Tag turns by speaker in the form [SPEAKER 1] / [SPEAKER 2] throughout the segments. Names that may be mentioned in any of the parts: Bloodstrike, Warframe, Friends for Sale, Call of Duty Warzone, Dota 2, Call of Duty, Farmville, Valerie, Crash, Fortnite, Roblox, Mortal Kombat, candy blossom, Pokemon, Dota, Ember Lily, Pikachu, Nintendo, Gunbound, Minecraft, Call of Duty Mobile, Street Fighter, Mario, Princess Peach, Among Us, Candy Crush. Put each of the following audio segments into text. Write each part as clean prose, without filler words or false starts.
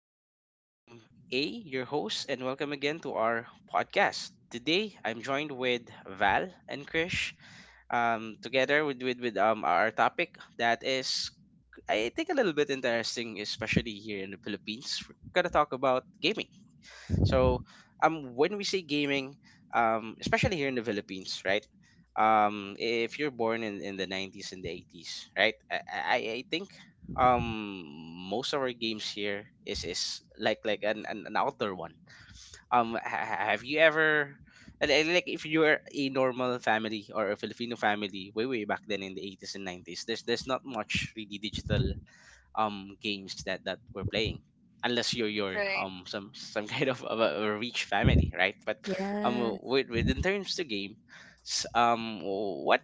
[SPEAKER 1] gentlemen. I'm A, your host, and welcome again to our podcast. Today, I'm joined with Val and Krish. Together with our topic that is, I think, a little bit interesting, especially here in the Philippines. We're gonna talk about gaming. So when we say gaming, especially here in the Philippines, right? If you're born in the 90s and the 80s, right? I think um most of our games here is like an outdoor one. Have you ever and like if you're a normal family or a Filipino family way back then in the 80s and 90s, there's not much really digital games that we're playing unless you're you're
[SPEAKER 2] Right.
[SPEAKER 1] um some some kind of a rich family, right? But
[SPEAKER 3] Yes.
[SPEAKER 1] with, in terms to what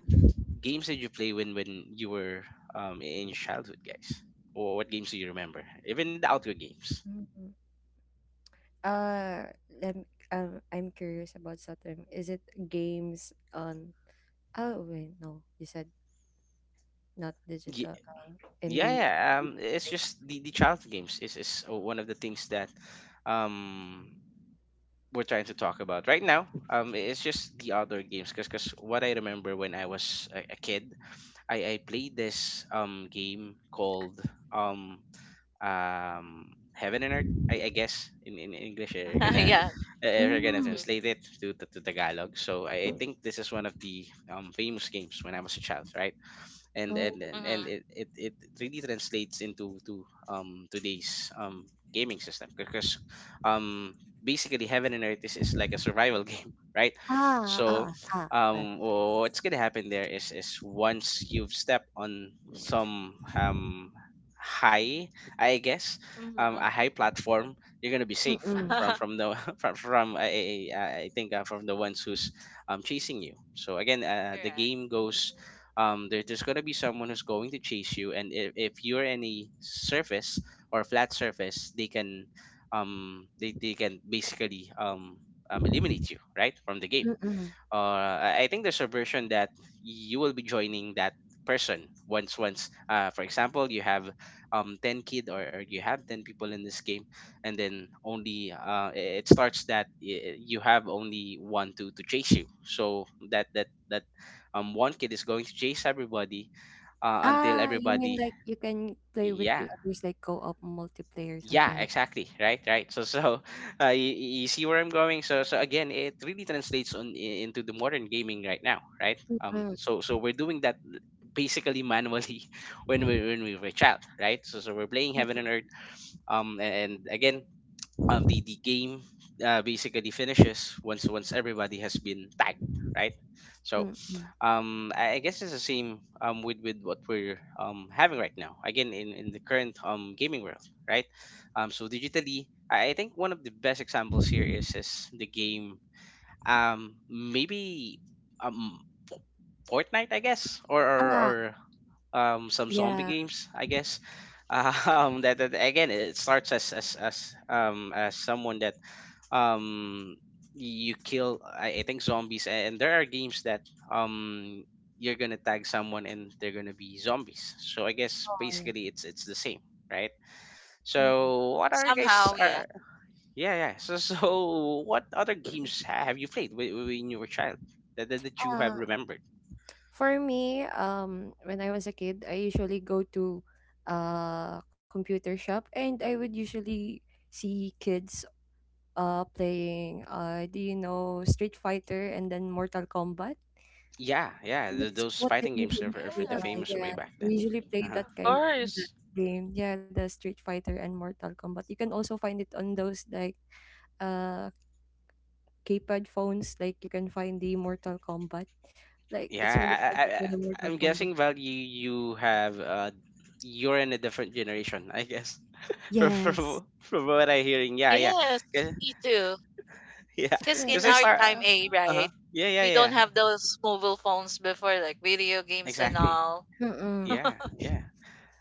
[SPEAKER 1] games did you play when you were in your childhood, guys? Or what games do you remember, even the outdoor games
[SPEAKER 3] Mhm. Uh, lem I'm curious about something. Is it games on? Oh wait, no, you said not
[SPEAKER 1] Ye-
[SPEAKER 3] digital.
[SPEAKER 1] yeah,
[SPEAKER 3] In the
[SPEAKER 1] yeah, it's just the childhood games is one of the things that um we're trying to talk about right now. It's just the outdoor games because what I remember when I was a kid, I played this game called um Heaven and Earth. I guess in English you're gonna
[SPEAKER 2] yeah.
[SPEAKER 1] you're gonna
[SPEAKER 2] Mm-hmm.
[SPEAKER 3] Mm.
[SPEAKER 1] translate it to Tagalog. So I think this is one of the famous games when I was a child, right? and and
[SPEAKER 3] Oh.
[SPEAKER 1] and, and
[SPEAKER 2] Mm-hmm.
[SPEAKER 1] it really translates into to today's gaming system because um basically Heaven and Earth is like a survival game, right?
[SPEAKER 3] Ah,
[SPEAKER 1] so
[SPEAKER 3] ah, ah. ah.
[SPEAKER 1] um what's gonna happen there is once you've stepped on some high, I guess,
[SPEAKER 2] Mm-hmm.
[SPEAKER 1] a high platform, you're gonna be safe
[SPEAKER 3] Mm-mm.
[SPEAKER 1] from the from, I think, from the ones who's chasing you. So again, the
[SPEAKER 2] Correct.
[SPEAKER 1] game goes, there's going to be someone who's going to chase you, and if you're in a surface or flat surface, they can they can basically eliminate you, right, from the game.
[SPEAKER 3] Mm-mm.
[SPEAKER 1] I I think there's a version that you will be joining that person once for example, you have 10 kid, or you have 10 people in this game, and then only it starts that you have only one to chase you. So that one kid is going to chase everybody, until
[SPEAKER 3] Ah, you mean
[SPEAKER 1] everybody.
[SPEAKER 3] like you can play with
[SPEAKER 1] Yeah,
[SPEAKER 3] the others, like co-op multiplayer,
[SPEAKER 1] yeah,
[SPEAKER 3] something like.
[SPEAKER 1] exactly, right, right. So so you see where I'm going. So so again, it really translates on into the modern gaming right now, right? um
[SPEAKER 3] Mm.
[SPEAKER 1] so so we're doing that basically manually when we were a child, right? So so we're playing Heaven and Earth, um and again, the game basically finishes once everybody has been tagged, right? So
[SPEAKER 3] Mm-mm.
[SPEAKER 1] I guess it's the same with what we're having right now, again, in the current gaming world, right? So digitally, I think one of the best examples here is the game, maybe, um Fortnite, I guess, or
[SPEAKER 3] Ah,
[SPEAKER 1] some zombie
[SPEAKER 3] yeah.
[SPEAKER 1] games, I guess.
[SPEAKER 2] Mm-hmm.
[SPEAKER 1] That again, it starts as as someone that um you kill, I think, zombies, and there are games that um you're gonna tag someone and they're gonna be zombies. So I guess
[SPEAKER 3] Oh yeah.
[SPEAKER 1] basically it's the same, right?
[SPEAKER 3] Mm-mm.
[SPEAKER 1] So what are you guys
[SPEAKER 2] Somehow, yeah.
[SPEAKER 1] are, yeah, yeah. So so what other games have you played when you were a child that, that you have
[SPEAKER 3] Ah,
[SPEAKER 1] remembered?
[SPEAKER 3] for me, when I was a kid, I usually go to a computer shop and I would usually see kids playing, do you know, Street Fighter and then Mortal Kombat?
[SPEAKER 1] Yeah, yeah, th
[SPEAKER 3] That's
[SPEAKER 1] those
[SPEAKER 3] what
[SPEAKER 1] fighting
[SPEAKER 3] they
[SPEAKER 1] games
[SPEAKER 3] usually
[SPEAKER 1] are
[SPEAKER 3] play.
[SPEAKER 1] pretty
[SPEAKER 2] Yes.
[SPEAKER 1] famous way
[SPEAKER 3] Yeah,
[SPEAKER 1] back then.
[SPEAKER 3] we usually play
[SPEAKER 1] Uh-huh.
[SPEAKER 2] Of
[SPEAKER 3] that kind
[SPEAKER 2] course.
[SPEAKER 3] that game. Yeah, the Street Fighter and Mortal Kombat. You can also find it on those like uh keypad phones. Like you can find the Mortal Kombat. Like
[SPEAKER 1] Yeah,
[SPEAKER 3] it's really fun to play the
[SPEAKER 1] I'm
[SPEAKER 3] Mortal
[SPEAKER 1] guessing
[SPEAKER 3] Kombat.
[SPEAKER 1] Val, you have you're in a different generation, I guess, from
[SPEAKER 3] Yes.
[SPEAKER 1] what I'm hearing. Yeah, yeah.
[SPEAKER 2] Yes,
[SPEAKER 1] 'Cause
[SPEAKER 2] me too.
[SPEAKER 1] yeah,
[SPEAKER 2] Because
[SPEAKER 3] Yeah,
[SPEAKER 1] because
[SPEAKER 2] in
[SPEAKER 1] I
[SPEAKER 2] our
[SPEAKER 3] just
[SPEAKER 1] start.
[SPEAKER 2] time, A,
[SPEAKER 1] Uh-huh.
[SPEAKER 2] right?
[SPEAKER 1] Yeah, yeah,
[SPEAKER 2] We
[SPEAKER 1] yeah.
[SPEAKER 2] don't have those mobile phones before, like video games and
[SPEAKER 1] Exactly.
[SPEAKER 2] all.
[SPEAKER 3] mm-mm.
[SPEAKER 1] Yeah, yeah.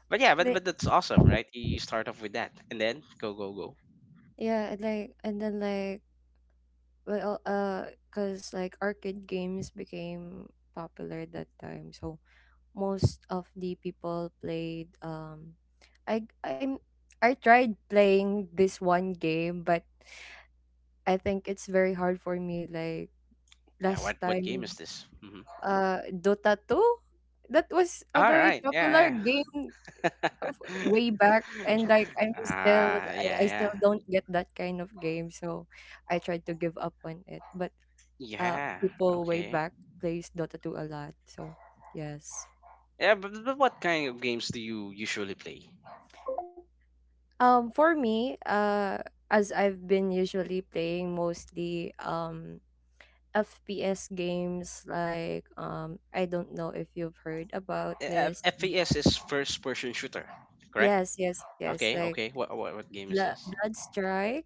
[SPEAKER 1] But yeah, but
[SPEAKER 3] Like
[SPEAKER 1] that's awesome, right? You start off with that, and then go, go, go.
[SPEAKER 3] yeah, and like and then like well uh, cause like arcade games became popular that time, so most of the people played I I'm I tried playing this one game, but I think it's very hard for me. Like
[SPEAKER 1] Yeah. What
[SPEAKER 3] last
[SPEAKER 1] game is
[SPEAKER 3] time,
[SPEAKER 1] this? Mm-hmm.
[SPEAKER 3] Dota two, that was a
[SPEAKER 1] All
[SPEAKER 3] very
[SPEAKER 1] right.
[SPEAKER 3] popular
[SPEAKER 1] Yeah,
[SPEAKER 3] game
[SPEAKER 1] yeah.
[SPEAKER 3] of way back, and like
[SPEAKER 1] Ah,
[SPEAKER 3] I
[SPEAKER 1] yeah,
[SPEAKER 3] still
[SPEAKER 1] yeah.
[SPEAKER 3] don't get that kind of game, so I tried to give up on it, but
[SPEAKER 1] Yeah.
[SPEAKER 3] people way
[SPEAKER 1] Okay.
[SPEAKER 3] back plays Dota 2 a lot, so yes.
[SPEAKER 1] Yeah, but what kind of games do you usually play?
[SPEAKER 3] For me as I've been usually playing mostly FPS games like, um, I don't know if you've heard about this.
[SPEAKER 1] FPS is first-person shooter, correct?
[SPEAKER 3] Yes, yes, yes,
[SPEAKER 1] Okay.
[SPEAKER 3] like
[SPEAKER 1] Okay. What game
[SPEAKER 3] Blood
[SPEAKER 1] is this?
[SPEAKER 3] Bloodstrike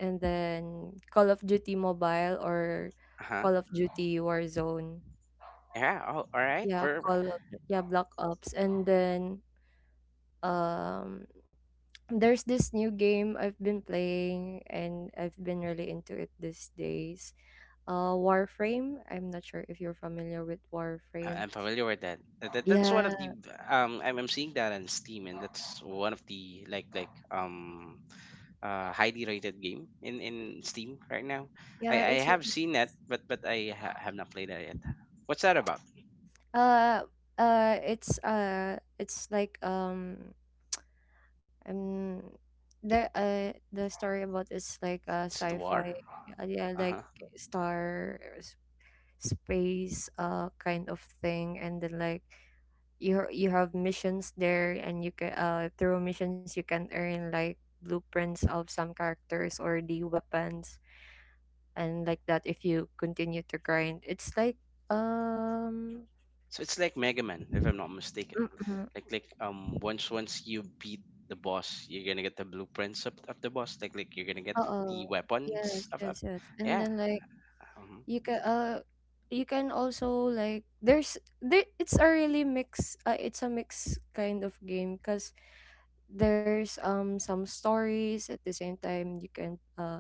[SPEAKER 3] and then Call of Duty Mobile or
[SPEAKER 1] Uh huh.
[SPEAKER 3] Call of Duty Warzone.
[SPEAKER 1] Yeah. Oh, all right.
[SPEAKER 3] Yeah,
[SPEAKER 1] For
[SPEAKER 3] Call of, yeah, Black Ops. And then, um, there's this new game I've been playing and I've been really into it these days. Uh, Warframe. I'm not sure if you're familiar with Warframe.
[SPEAKER 1] I'm familiar with that. That's one of
[SPEAKER 3] Yeah.
[SPEAKER 1] the um. I'm seeing that on Steam, and that's one of the highly rated game in Steam right now.
[SPEAKER 3] Yeah,
[SPEAKER 1] I
[SPEAKER 3] it's
[SPEAKER 1] have
[SPEAKER 3] really
[SPEAKER 1] seen that, but I have not played that yet. What's that about?
[SPEAKER 3] uh it's like um the story about is like a
[SPEAKER 1] Is it war?
[SPEAKER 3] sci-fi, yeah,
[SPEAKER 1] Uh
[SPEAKER 3] like
[SPEAKER 1] huh.
[SPEAKER 3] star space kind of thing, and then like you have missions there, and you can through missions you can earn like blueprints of some characters or the weapons, and like that if you continue to grind it's like, um,
[SPEAKER 1] So it's like Mega Man, if I'm not mistaken.
[SPEAKER 3] mm-mm,
[SPEAKER 1] Like once you beat the boss, you're gonna get the blueprints of the boss. Like you're gonna get
[SPEAKER 3] uh-oh,
[SPEAKER 1] the
[SPEAKER 3] yes
[SPEAKER 1] weapons
[SPEAKER 3] yes
[SPEAKER 1] of
[SPEAKER 3] yes, and
[SPEAKER 1] yeah.
[SPEAKER 3] then like
[SPEAKER 1] Hmm.
[SPEAKER 3] you can uh you can also like there's there it's a really mix, it's a mix kind of game because there's some stories. At the same time you can uh,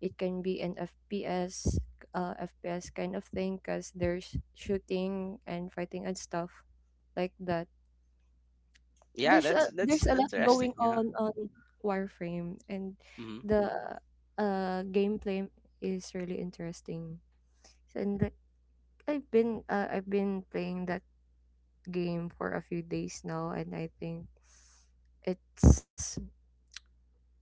[SPEAKER 3] it can be an FPS, FPS kind of thing because there's shooting and fighting and stuff like that.
[SPEAKER 1] Yeah,
[SPEAKER 3] There's
[SPEAKER 1] that's
[SPEAKER 3] a lot
[SPEAKER 1] interesting.
[SPEAKER 3] going
[SPEAKER 1] Yeah.
[SPEAKER 3] on Warframe, and
[SPEAKER 1] Hmm.
[SPEAKER 3] the gameplay is really interesting, and I've been playing that game for a few days now, and I think it's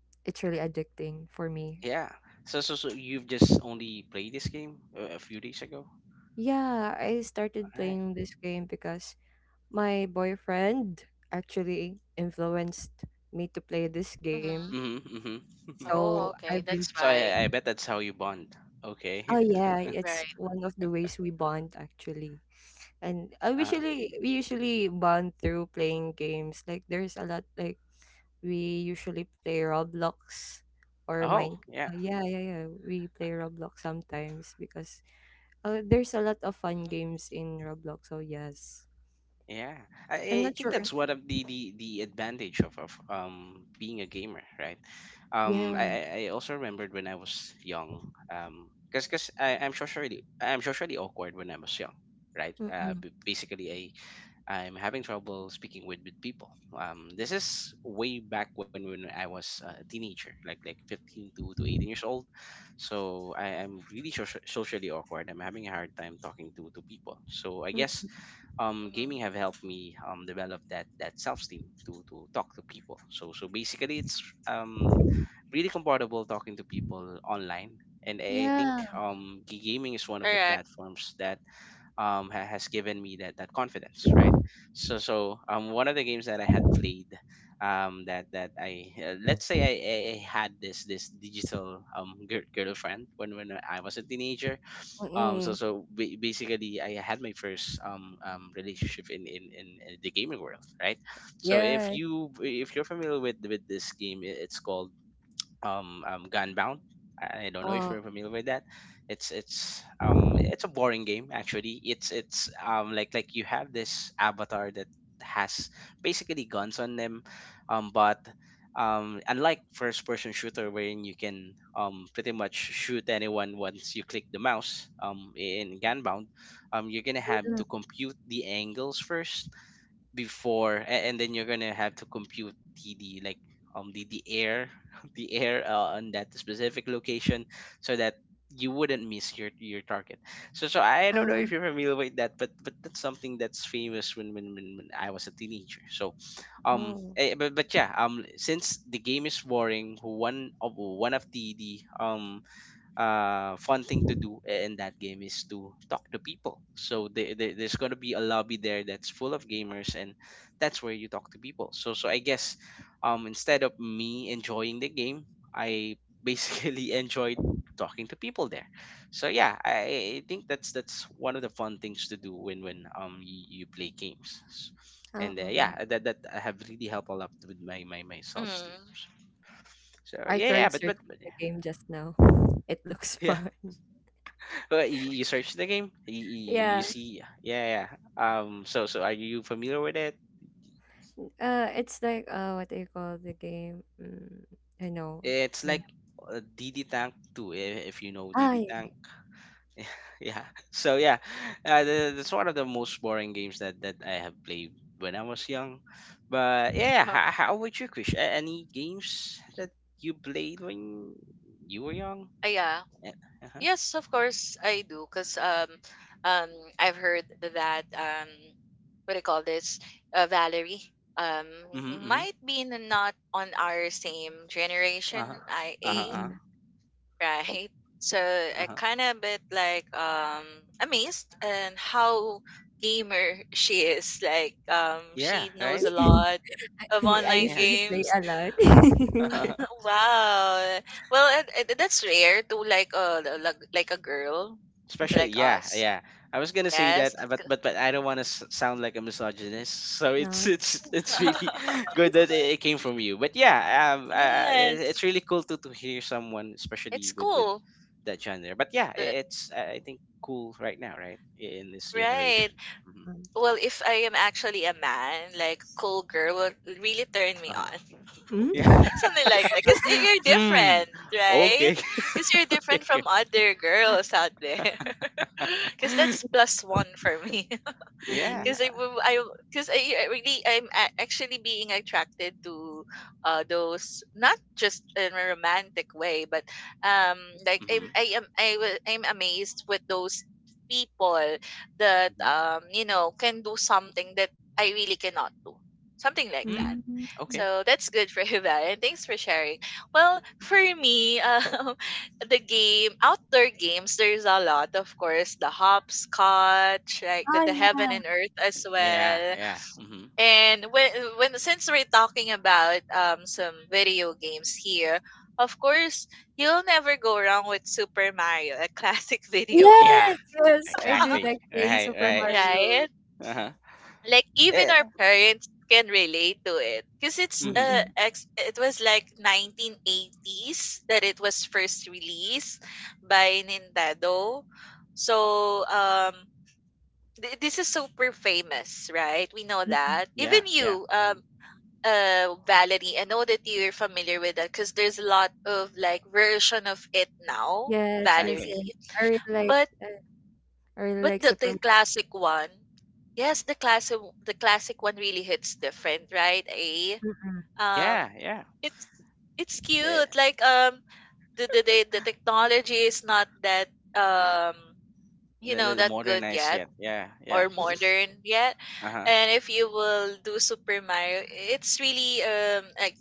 [SPEAKER 3] it's really addicting for me.
[SPEAKER 1] Yeah. So so so you've just only played this game a few days ago.
[SPEAKER 3] Yeah, I
[SPEAKER 1] All
[SPEAKER 3] started
[SPEAKER 1] right.
[SPEAKER 3] playing this game because my boyfriend actually influenced me to play this game.
[SPEAKER 2] Mm-hmm.
[SPEAKER 1] Mm-hmm, mm-hmm.
[SPEAKER 3] So
[SPEAKER 2] Oh,
[SPEAKER 3] I've
[SPEAKER 2] okay.
[SPEAKER 3] been
[SPEAKER 2] That's
[SPEAKER 1] So
[SPEAKER 2] why.
[SPEAKER 1] I bet that's how you bond.
[SPEAKER 3] oh
[SPEAKER 1] Okay.
[SPEAKER 3] yeah, it's
[SPEAKER 2] Right.
[SPEAKER 3] one of the ways we bond actually. And I
[SPEAKER 1] Uh,
[SPEAKER 3] usually we usually bond through playing games. Like there's a lot like we usually play Roblox or
[SPEAKER 1] oh
[SPEAKER 3] Mine.
[SPEAKER 1] yeah.
[SPEAKER 3] Yeah, yeah, yeah. We play Roblox sometimes because, there's a lot of fun games in Roblox. So yes,
[SPEAKER 1] Yeah, I,
[SPEAKER 3] I'm
[SPEAKER 1] I
[SPEAKER 3] not
[SPEAKER 1] think
[SPEAKER 3] sure. If,
[SPEAKER 1] that's one of the the advantage of being a gamer, right?
[SPEAKER 3] yeah.
[SPEAKER 1] I I also remembered when I was young, because cause I'm socially awkward when I was young, right?
[SPEAKER 3] Mm-mm.
[SPEAKER 1] Basically, I I'm having trouble speaking with people. This is way back when I was a teenager, like 15 to 18 years old. So I'm really socially awkward. I'm having a hard time talking to people. So I guess
[SPEAKER 3] Mm.
[SPEAKER 2] Mm-hmm. Mm-hmm.
[SPEAKER 1] gaming have helped me develop that self-esteem to talk to people, so so basically it's really comfortable talking to people online, and I think
[SPEAKER 3] Yeah.
[SPEAKER 2] Mm-hmm.
[SPEAKER 1] gaming is one of the
[SPEAKER 2] Correct.
[SPEAKER 1] platforms that has given me that confidence, right? So so one of the games that I had played, that that I let's say, I I had this digital girlfriend when I was a teenager, so
[SPEAKER 3] Mm-mm.
[SPEAKER 1] so ba- basically I had my first relationship in in the gaming world, right? So if
[SPEAKER 3] Yeah.
[SPEAKER 1] you if you're familiar with this game, it's called Gunbound. I don't know if
[SPEAKER 3] Oh.
[SPEAKER 1] you're familiar with that. It's it's a boring game, actually. It's like you have this avatar that has basically guns on them, but unlike first person shooter wherein you can pretty much shoot anyone once you click the mouse, in Gunbound, you're gonna have to compute the angles first before and then you're gonna have to compute the like the air the air, on that specific location, so that you wouldn't miss your target. So so
[SPEAKER 3] Uh,
[SPEAKER 1] I don't know if you're familiar with that, but that's something that's famous when when I was a teenager. So
[SPEAKER 3] oh.
[SPEAKER 1] but yeah, since the game is boring, one of the fun thing to do in that game is to talk to people. So there's gonna be a lobby there that's full of gamers, and that's where you talk to people. So so I guess, instead of me enjoying the game, I basically enjoyed talking to people there. So yeah, I think that's one of the fun things to do when you play games. And
[SPEAKER 3] Oh.
[SPEAKER 1] yeah, that that have really helped a lot with my self esteem.
[SPEAKER 2] Mm-hmm.
[SPEAKER 1] So
[SPEAKER 3] I
[SPEAKER 1] yeah,
[SPEAKER 2] Right.
[SPEAKER 3] tried
[SPEAKER 1] yeah,
[SPEAKER 3] searching
[SPEAKER 1] but yeah.
[SPEAKER 3] the game just now. It looks
[SPEAKER 1] Yeah.
[SPEAKER 3] fun.
[SPEAKER 1] Well, you search the game, you
[SPEAKER 3] Yeah.
[SPEAKER 1] see, yeah, yeah. So so are you familiar with it?
[SPEAKER 3] It's like, what do you call the game? Mm, I know.
[SPEAKER 1] It's
[SPEAKER 2] Mm-hmm.
[SPEAKER 3] I
[SPEAKER 1] like
[SPEAKER 3] know.
[SPEAKER 1] DD Tank 2, if you know D
[SPEAKER 3] Ah,
[SPEAKER 1] D
[SPEAKER 3] yeah.
[SPEAKER 1] Tank. Yeah. So yeah, that's one of the most boring games that I have played when I was young. But yeah, how about you, Krish? Any games that you played when you were young?
[SPEAKER 2] Yeah.
[SPEAKER 1] Uh huh.
[SPEAKER 2] Yes, of course I do, cause um, I've heard that, what do you call this? Valerie um
[SPEAKER 1] Mm-hmm, mm-hmm.
[SPEAKER 2] might be not on our same generation,
[SPEAKER 1] Uh huh. Uh
[SPEAKER 2] IA,
[SPEAKER 1] huh.
[SPEAKER 3] Mm-mm.
[SPEAKER 2] right? So
[SPEAKER 1] Uh
[SPEAKER 2] I
[SPEAKER 1] huh.
[SPEAKER 2] kind of bit like amazed and how gamer she is. Like,
[SPEAKER 1] Yeah.
[SPEAKER 2] she knows
[SPEAKER 1] Right.
[SPEAKER 2] a lot of
[SPEAKER 3] I
[SPEAKER 2] online
[SPEAKER 1] Yeah.
[SPEAKER 3] usually play
[SPEAKER 2] games.
[SPEAKER 3] a lot.
[SPEAKER 2] Wow. Well, and that's rare to, like, like a girl
[SPEAKER 1] Especially,
[SPEAKER 2] like
[SPEAKER 1] yeah,
[SPEAKER 2] us.
[SPEAKER 1] yeah. I was gonna say
[SPEAKER 2] Yes,
[SPEAKER 1] that, but I don't want to sound like a misogynist. So
[SPEAKER 3] No,
[SPEAKER 1] it's
[SPEAKER 3] it's fine.
[SPEAKER 1] really
[SPEAKER 3] It's fine.
[SPEAKER 1] good
[SPEAKER 3] It's
[SPEAKER 1] that it came from you. But yeah,
[SPEAKER 2] yes.
[SPEAKER 1] it's really cool to hear someone,
[SPEAKER 2] It's
[SPEAKER 1] especially with
[SPEAKER 2] cool.
[SPEAKER 1] that genre. But yeah,
[SPEAKER 2] L-
[SPEAKER 1] I it's I think cool right now, right? In this
[SPEAKER 2] Right.
[SPEAKER 1] generation. Hmm.
[SPEAKER 3] fine.
[SPEAKER 2] Well, if I am actually a man, like cool girl will really turn me
[SPEAKER 1] Uh-huh.
[SPEAKER 2] on.
[SPEAKER 1] Yeah.
[SPEAKER 3] Mm.
[SPEAKER 2] Something like that. Because you're
[SPEAKER 1] Hmm.
[SPEAKER 2] different, right?
[SPEAKER 1] Okay.
[SPEAKER 2] Because you're
[SPEAKER 1] Okay.
[SPEAKER 2] different
[SPEAKER 1] Okay.
[SPEAKER 2] from other girls out there. Because that's plus one for me,
[SPEAKER 1] Yeah.
[SPEAKER 3] Mm.
[SPEAKER 2] because I will- I, because I really, actually being attracted to, those, not just in a romantic way, but, um like, I'm
[SPEAKER 1] Mm-hmm.
[SPEAKER 2] I am I wa- I'm amazed with those people that,
[SPEAKER 1] Mm-hmm.
[SPEAKER 2] can do something that I really cannot do, something like
[SPEAKER 1] Hmm.
[SPEAKER 2] that.
[SPEAKER 3] Mm.
[SPEAKER 1] Okay.
[SPEAKER 2] So that's good for you, Val, and thanks for sharing. Well, for me, the game, outdoor games, there's a lot. Of course, the hopscotch, like the,
[SPEAKER 3] Oh,
[SPEAKER 2] the heaven
[SPEAKER 3] yeah.
[SPEAKER 2] and earth as
[SPEAKER 1] Yeah.
[SPEAKER 2] well.
[SPEAKER 1] Yeah. Mm-hmm.
[SPEAKER 2] And when since we're talking about some video games here, of course you'll never go wrong with Super Mario, a classic video game.
[SPEAKER 1] Yeah.
[SPEAKER 3] Yes, yes. I do
[SPEAKER 1] Exactly.
[SPEAKER 3] like playing
[SPEAKER 1] Right.
[SPEAKER 3] Super
[SPEAKER 1] Right.
[SPEAKER 2] Right,
[SPEAKER 3] Mario.
[SPEAKER 1] Uh-huh.
[SPEAKER 2] like even
[SPEAKER 1] Eh,
[SPEAKER 2] our parents can relate to it, because it's
[SPEAKER 1] mhm.
[SPEAKER 3] Mm-mm.
[SPEAKER 2] it was like 1980s that it was first released by Nintendo. So, this is super famous, right? We know
[SPEAKER 3] Mm-mm.
[SPEAKER 2] that
[SPEAKER 1] Yeah.
[SPEAKER 2] even
[SPEAKER 1] Yeah.
[SPEAKER 2] you,
[SPEAKER 1] Hmm.
[SPEAKER 2] Valerie, I know that you're familiar with that, because there's a lot of like version of it now,
[SPEAKER 3] Yes, yes,
[SPEAKER 1] Exactly.
[SPEAKER 2] Valerie.
[SPEAKER 3] yes. I really
[SPEAKER 1] Hmm.
[SPEAKER 3] like
[SPEAKER 2] but
[SPEAKER 3] that. I really
[SPEAKER 2] but
[SPEAKER 3] like Super
[SPEAKER 2] the
[SPEAKER 3] Mario.
[SPEAKER 2] classic one, yes, the classic one really hits different, right? A,
[SPEAKER 3] Mm-mm.
[SPEAKER 2] um,
[SPEAKER 1] Yeah. Yeah.
[SPEAKER 2] it's it's cute.
[SPEAKER 1] Eh,
[SPEAKER 2] Like, the technology is not that um,
[SPEAKER 1] the, the, the
[SPEAKER 2] that good
[SPEAKER 1] modernized
[SPEAKER 2] yet,
[SPEAKER 1] shit. Yeah.
[SPEAKER 2] or
[SPEAKER 1] Yeah.
[SPEAKER 2] modern yet.
[SPEAKER 1] Uh huh.
[SPEAKER 2] And if you will do Super Mario, it's really, um, a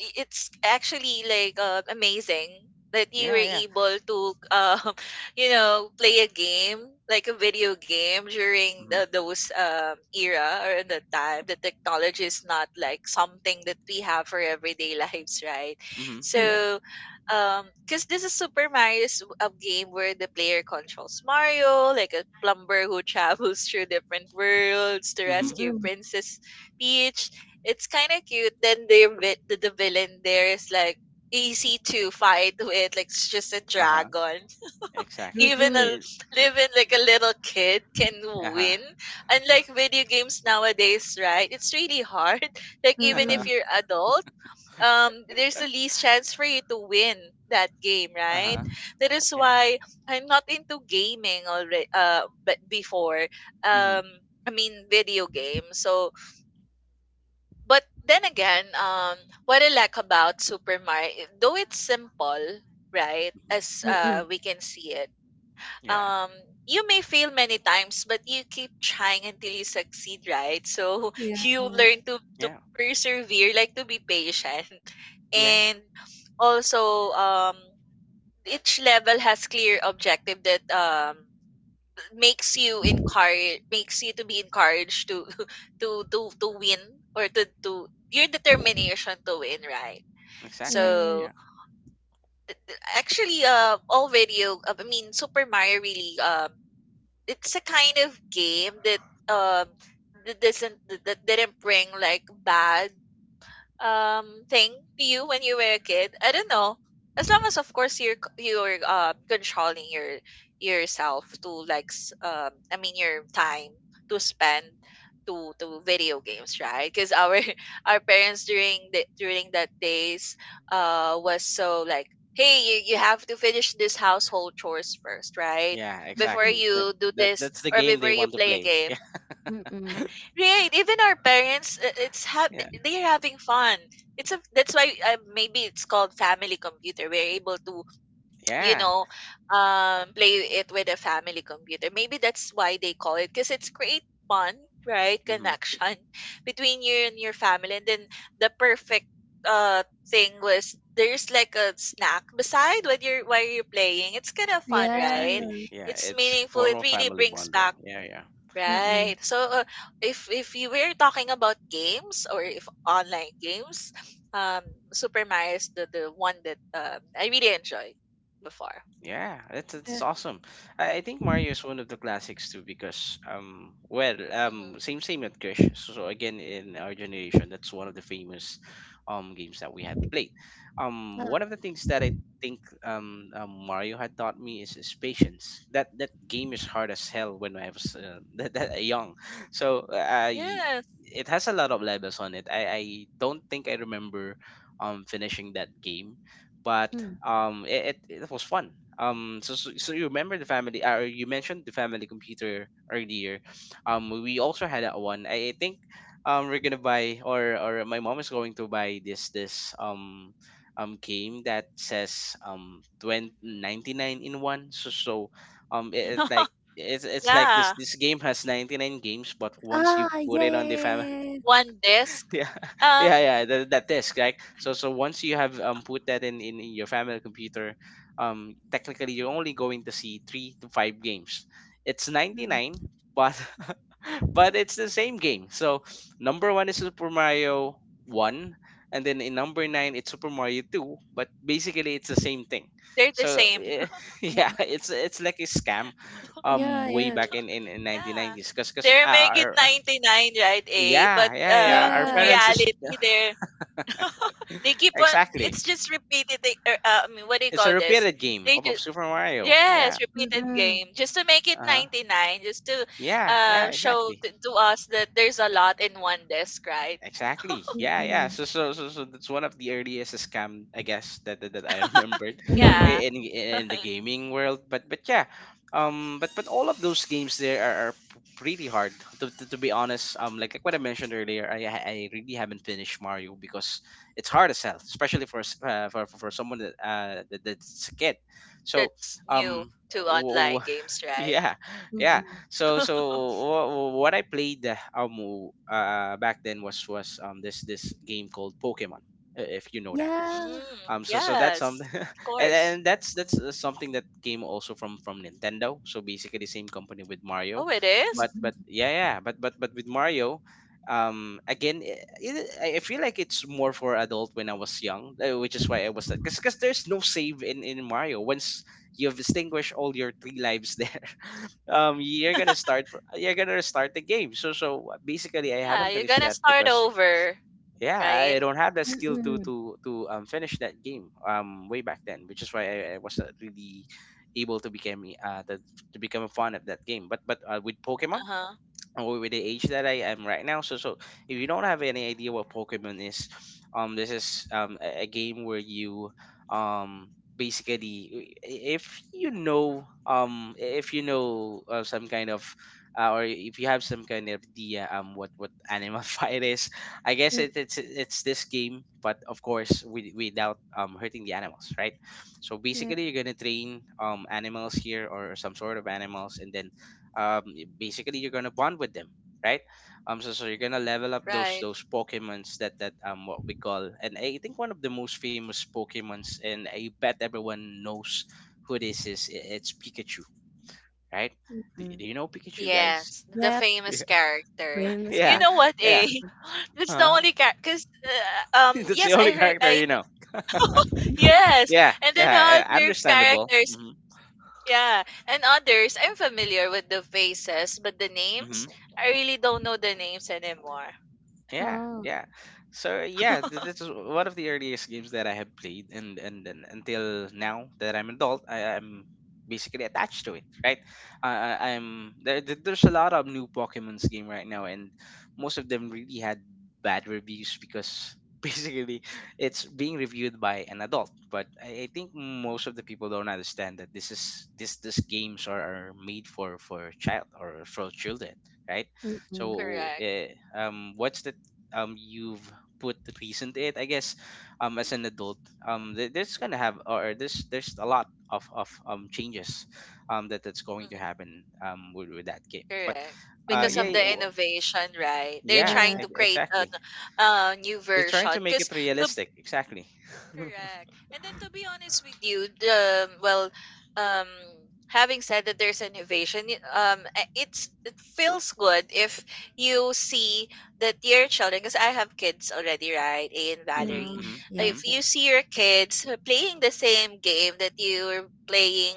[SPEAKER 2] i- it's actually like, amazing that you
[SPEAKER 1] Yeah.
[SPEAKER 2] were
[SPEAKER 1] Yeah.
[SPEAKER 2] able to, um play a game, like a video game, during
[SPEAKER 1] Hmm.
[SPEAKER 2] those era, or the time the technology is not like something that we have for everyday lives, right?
[SPEAKER 1] Hmm.
[SPEAKER 3] Mm-mm.
[SPEAKER 1] Yeah.
[SPEAKER 2] So, because this is Super Mario's, a game where the player controls Mario, like a plumber who travels through different worlds to
[SPEAKER 1] Hmm.
[SPEAKER 2] rescue
[SPEAKER 3] Mm-mm.
[SPEAKER 2] Princess Peach. It's kind of cute. Then the villain there is like easy to fight with, like it's just a
[SPEAKER 1] Uh huh.
[SPEAKER 2] dragon.
[SPEAKER 1] Exactly.
[SPEAKER 2] Even a
[SPEAKER 3] Mm-mm.
[SPEAKER 2] Even like a little kid can
[SPEAKER 1] Uh huh.
[SPEAKER 2] win. Unlike video games nowadays, right? It's really hard. Like
[SPEAKER 1] Uh
[SPEAKER 2] even
[SPEAKER 1] huh.
[SPEAKER 2] if
[SPEAKER 3] Mm-mm.
[SPEAKER 2] you're adult, there's the least chance for you to win that game,
[SPEAKER 1] Uh
[SPEAKER 2] right?
[SPEAKER 1] huh.
[SPEAKER 2] That is
[SPEAKER 1] Yeah.
[SPEAKER 2] why I'm not into gaming already. But before,
[SPEAKER 1] Hmm.
[SPEAKER 2] um, I mean, video games. So, but then again, what I like about Super Mario, though it's simple, right?
[SPEAKER 1] Hmm.
[SPEAKER 2] As,
[SPEAKER 3] Mm-mm.
[SPEAKER 2] we can see it,
[SPEAKER 1] Yeah.
[SPEAKER 2] um, you may fail many times, but you keep trying until you succeed, right? So
[SPEAKER 3] Mm-mm.
[SPEAKER 2] you learn to
[SPEAKER 1] Yeah.
[SPEAKER 2] persevere, like to be patient,
[SPEAKER 1] Yeah.
[SPEAKER 2] and also, each level has clear objective that, makes you to be encouraged to to win, or to your determination to win, right?
[SPEAKER 1] Exactly.
[SPEAKER 3] Yes.
[SPEAKER 1] Yeah.
[SPEAKER 2] So actually, all video I mean, Super Mario really, it's a kind of game that, um that doesn't that didn't bring like bad thing to you when you were a kid. I don't know, as long as, of course, you're, you're controlling yourself, to like, I mean, your time to spend to video games, right? Because our our parents during the during that days, was so like, hey you have to finish this household chores first, right?
[SPEAKER 1] Yeah.
[SPEAKER 2] Before
[SPEAKER 1] Exactly. That
[SPEAKER 2] you do
[SPEAKER 1] that
[SPEAKER 2] this,
[SPEAKER 1] that's the
[SPEAKER 2] or
[SPEAKER 1] game
[SPEAKER 2] before
[SPEAKER 1] they
[SPEAKER 2] you
[SPEAKER 1] want to
[SPEAKER 2] play a
[SPEAKER 1] play.
[SPEAKER 2] game.
[SPEAKER 1] Yeah.
[SPEAKER 3] Mm.
[SPEAKER 2] Right, even our parents,
[SPEAKER 1] Yeah.
[SPEAKER 2] they're having fun. It's a That's why, maybe it's called family computer. We're able to, you
[SPEAKER 1] Yeah.
[SPEAKER 2] know, play it with a family computer. Maybe that's why they call it, because it's create bond, right?
[SPEAKER 1] Mm-hmm.
[SPEAKER 2] Connection between you and your family. And then the perfect uh thing was, there's like a snack beside, what you're while you're playing. It's kind of fun,
[SPEAKER 3] Yes.
[SPEAKER 2] right?
[SPEAKER 1] Exactly. Yeah,
[SPEAKER 2] It's
[SPEAKER 1] it's
[SPEAKER 2] meaningful. It
[SPEAKER 1] formal
[SPEAKER 2] really
[SPEAKER 1] family
[SPEAKER 2] brings
[SPEAKER 1] bonding.
[SPEAKER 2] back.
[SPEAKER 1] Yeah, yeah.
[SPEAKER 3] Mm.
[SPEAKER 2] Right. So, if you were talking about games, or if online games, um, Super Mario is the one that, I really enjoyed before.
[SPEAKER 1] Yeah, that's
[SPEAKER 3] Yeah.
[SPEAKER 1] awesome. I think Mario is one of the classics too, because well,
[SPEAKER 2] Hmm.
[SPEAKER 1] same at Crash. So again in our generation, that's one of the famous games that we had played. One
[SPEAKER 3] Ah.
[SPEAKER 1] of the things that I think Mario had taught me is patience. That game is hard as hell when I was that young. So I
[SPEAKER 2] Yes.
[SPEAKER 1] it has a lot of levels on it. I don't think I remember finishing that game, but
[SPEAKER 3] Mm.
[SPEAKER 1] it was fun. So you remember the family. Or you mentioned the family computer earlier. We also had that one. I think we're gonna buy, or my mom is going to buy this game that says twenty
[SPEAKER 2] Hmm.
[SPEAKER 1] ninety nine in one. Um it, it like it's like this
[SPEAKER 2] Yeah.
[SPEAKER 1] this game has 99 games, but once you
[SPEAKER 3] Ah,
[SPEAKER 1] put
[SPEAKER 3] yeah,
[SPEAKER 1] it
[SPEAKER 3] yeah,
[SPEAKER 1] on the fam,
[SPEAKER 3] yeah, yeah,
[SPEAKER 2] One disc.
[SPEAKER 1] yeah,
[SPEAKER 2] Um,
[SPEAKER 1] yeah that disk, right? So once you have put that in your family computer, technically you're only going to see three to five games. It's
[SPEAKER 3] yeah.
[SPEAKER 1] 99. But but it's the same game. So number one is Super Mario one, and then in number nine it's Super Mario two, but basically it's the same thing.
[SPEAKER 2] they're the
[SPEAKER 1] So,
[SPEAKER 2] same.
[SPEAKER 1] eh,
[SPEAKER 3] Mm,
[SPEAKER 1] yeah,
[SPEAKER 3] mm.
[SPEAKER 1] it's like a scam
[SPEAKER 3] Yeah,
[SPEAKER 1] way
[SPEAKER 3] yeah, yeah,
[SPEAKER 1] back in
[SPEAKER 2] Yeah.
[SPEAKER 1] 1990s, because
[SPEAKER 2] They make it
[SPEAKER 1] our,
[SPEAKER 2] 99, right, A? But,
[SPEAKER 1] yeah, yeah, yeah, our
[SPEAKER 2] in
[SPEAKER 3] yeah,
[SPEAKER 1] parents is.
[SPEAKER 2] reality, they're they keep on.
[SPEAKER 1] Exactly.
[SPEAKER 2] It's just repeated. I mean, what do you
[SPEAKER 1] It's a
[SPEAKER 2] call this?
[SPEAKER 1] repeated game
[SPEAKER 2] They
[SPEAKER 1] of
[SPEAKER 2] just
[SPEAKER 1] Super Mario. Yeah.
[SPEAKER 2] Yes, repeated
[SPEAKER 3] mm-mm,
[SPEAKER 2] game. Just to make it
[SPEAKER 1] Uh huh.
[SPEAKER 2] 99, just to,
[SPEAKER 1] Yeah. Yeah.
[SPEAKER 2] show
[SPEAKER 1] Exactly.
[SPEAKER 2] to us that there's a lot in one desk, right?
[SPEAKER 1] Exactly. Yeah, yeah.
[SPEAKER 3] mm-mm,
[SPEAKER 1] So that's one of the earliest scam, I guess, that I remembered
[SPEAKER 2] Yeah.
[SPEAKER 1] in the gaming world. But yeah,
[SPEAKER 2] Oh,
[SPEAKER 1] but all of those games there are pretty hard. To be honest, like what I mentioned earlier, I really haven't finished Mario, because it's hard as hell, especially for someone that that's a kid. So,
[SPEAKER 2] that's new
[SPEAKER 1] um,
[SPEAKER 2] to
[SPEAKER 1] w-
[SPEAKER 2] online
[SPEAKER 1] w-
[SPEAKER 2] games, right?
[SPEAKER 1] yeah, yeah.
[SPEAKER 3] Mm.
[SPEAKER 1] So so wh- what I played back then was this game called Pokemon, if you know that.
[SPEAKER 3] Yeah,
[SPEAKER 2] Mm,
[SPEAKER 1] That's something,
[SPEAKER 2] yes, of
[SPEAKER 1] and
[SPEAKER 2] course.
[SPEAKER 1] that's something that came also from Nintendo, so basically same company with Mario.
[SPEAKER 2] Oh, it
[SPEAKER 1] but
[SPEAKER 2] is?
[SPEAKER 1] but yeah, yeah, but with Mario, again, I feel like it's more for adult when I was young, which is why I was like, because there's no save in Mario. Once you've extinguished all your three lives there, you're gonna you're gonna start the game. So basically I
[SPEAKER 2] Yeah,
[SPEAKER 1] haven't
[SPEAKER 2] you're
[SPEAKER 1] finished
[SPEAKER 2] gonna
[SPEAKER 1] that,
[SPEAKER 2] start
[SPEAKER 1] because
[SPEAKER 2] over,
[SPEAKER 1] yeah,
[SPEAKER 2] right?
[SPEAKER 1] I don't have the
[SPEAKER 3] mm,
[SPEAKER 1] skill to
[SPEAKER 3] mm.
[SPEAKER 1] to to finish that game way back then, which is why I wasn't really able to become a fan of that game. But with Pokemon,
[SPEAKER 2] Uh-huh.
[SPEAKER 1] or with the age that I am right now. So if you don't have any idea what Pokemon is, this is a game where you um basically, if you know, if you know, some kind of, or if you have some kind of idea what animal fight is, I guess.
[SPEAKER 3] Mm,
[SPEAKER 1] It's this game, but of course without hurting the animals, right? So
[SPEAKER 3] yeah,
[SPEAKER 1] basically, you're gonna train animals here, or some sort of animals, and then basically you're gonna bond with them, right? So you're gonna level up those
[SPEAKER 2] Right.
[SPEAKER 1] those pokemons, that that what we call. And I think one of the most famous pokemons, and I bet everyone knows who this is, it's Pikachu, right? do,
[SPEAKER 3] Mm.
[SPEAKER 1] do you know Pikachu, guys?
[SPEAKER 2] Yes, the
[SPEAKER 3] Yep,
[SPEAKER 1] Yeah.
[SPEAKER 2] famous character.
[SPEAKER 3] famous
[SPEAKER 2] You
[SPEAKER 1] Yeah,
[SPEAKER 2] know
[SPEAKER 3] character.
[SPEAKER 2] what,
[SPEAKER 1] yeah.
[SPEAKER 2] eh?
[SPEAKER 3] Mhm.
[SPEAKER 2] That's the
[SPEAKER 1] Uh-huh.
[SPEAKER 2] only character. Cause,
[SPEAKER 1] That's the
[SPEAKER 2] yes,
[SPEAKER 1] only
[SPEAKER 2] I heard.
[SPEAKER 1] character
[SPEAKER 2] I
[SPEAKER 1] you know.
[SPEAKER 2] Yes,
[SPEAKER 1] Yeah,
[SPEAKER 2] and then
[SPEAKER 1] yeah.
[SPEAKER 2] other
[SPEAKER 1] Understandable.
[SPEAKER 2] characters, yeah, and others, I'm familiar with the faces, but the names,
[SPEAKER 1] Hmm.
[SPEAKER 2] I really don't know the names anymore.
[SPEAKER 1] Yeah,
[SPEAKER 3] Oh,
[SPEAKER 1] yeah. So yeah, this is one of the earliest games that I have played, and until now that I'm adult, I'm basically attached to it, right? I'm there. There's a lot of new Pokemon's game right now, and most of them really had bad reviews, because basically it's being reviewed by an adult. But I think most of the people don't understand that this games are made for child or for children, right?
[SPEAKER 3] Mm.
[SPEAKER 1] So,
[SPEAKER 2] Correct.
[SPEAKER 1] what's the you've put the reason to it, I guess, as an adult, there's gonna have, or there's a lot of changes that's going to
[SPEAKER 2] Mhm.
[SPEAKER 1] happen, with that game. But
[SPEAKER 2] Correct. Because
[SPEAKER 1] yeah,
[SPEAKER 2] of
[SPEAKER 3] Yeah,
[SPEAKER 2] the
[SPEAKER 1] yeah, well,
[SPEAKER 2] innovation, right? They're
[SPEAKER 1] yeah,
[SPEAKER 3] yeah,
[SPEAKER 2] trying to create a,
[SPEAKER 1] exactly,
[SPEAKER 2] a new
[SPEAKER 1] they're trying to
[SPEAKER 2] version.
[SPEAKER 1] make
[SPEAKER 2] Because
[SPEAKER 1] it
[SPEAKER 2] the
[SPEAKER 1] realistic. Exactly.
[SPEAKER 2] Correct. And then, to be honest with you, the well, um, having said that there's innovation, it feels good if you see that your children, because I have kids already, right? A and
[SPEAKER 1] Mm-hmm,
[SPEAKER 2] Valerie.
[SPEAKER 3] oh,
[SPEAKER 1] mm-hmm, mm-hmm.
[SPEAKER 2] If
[SPEAKER 3] yes, yes,
[SPEAKER 2] you see your kids, playing the same game that you were playing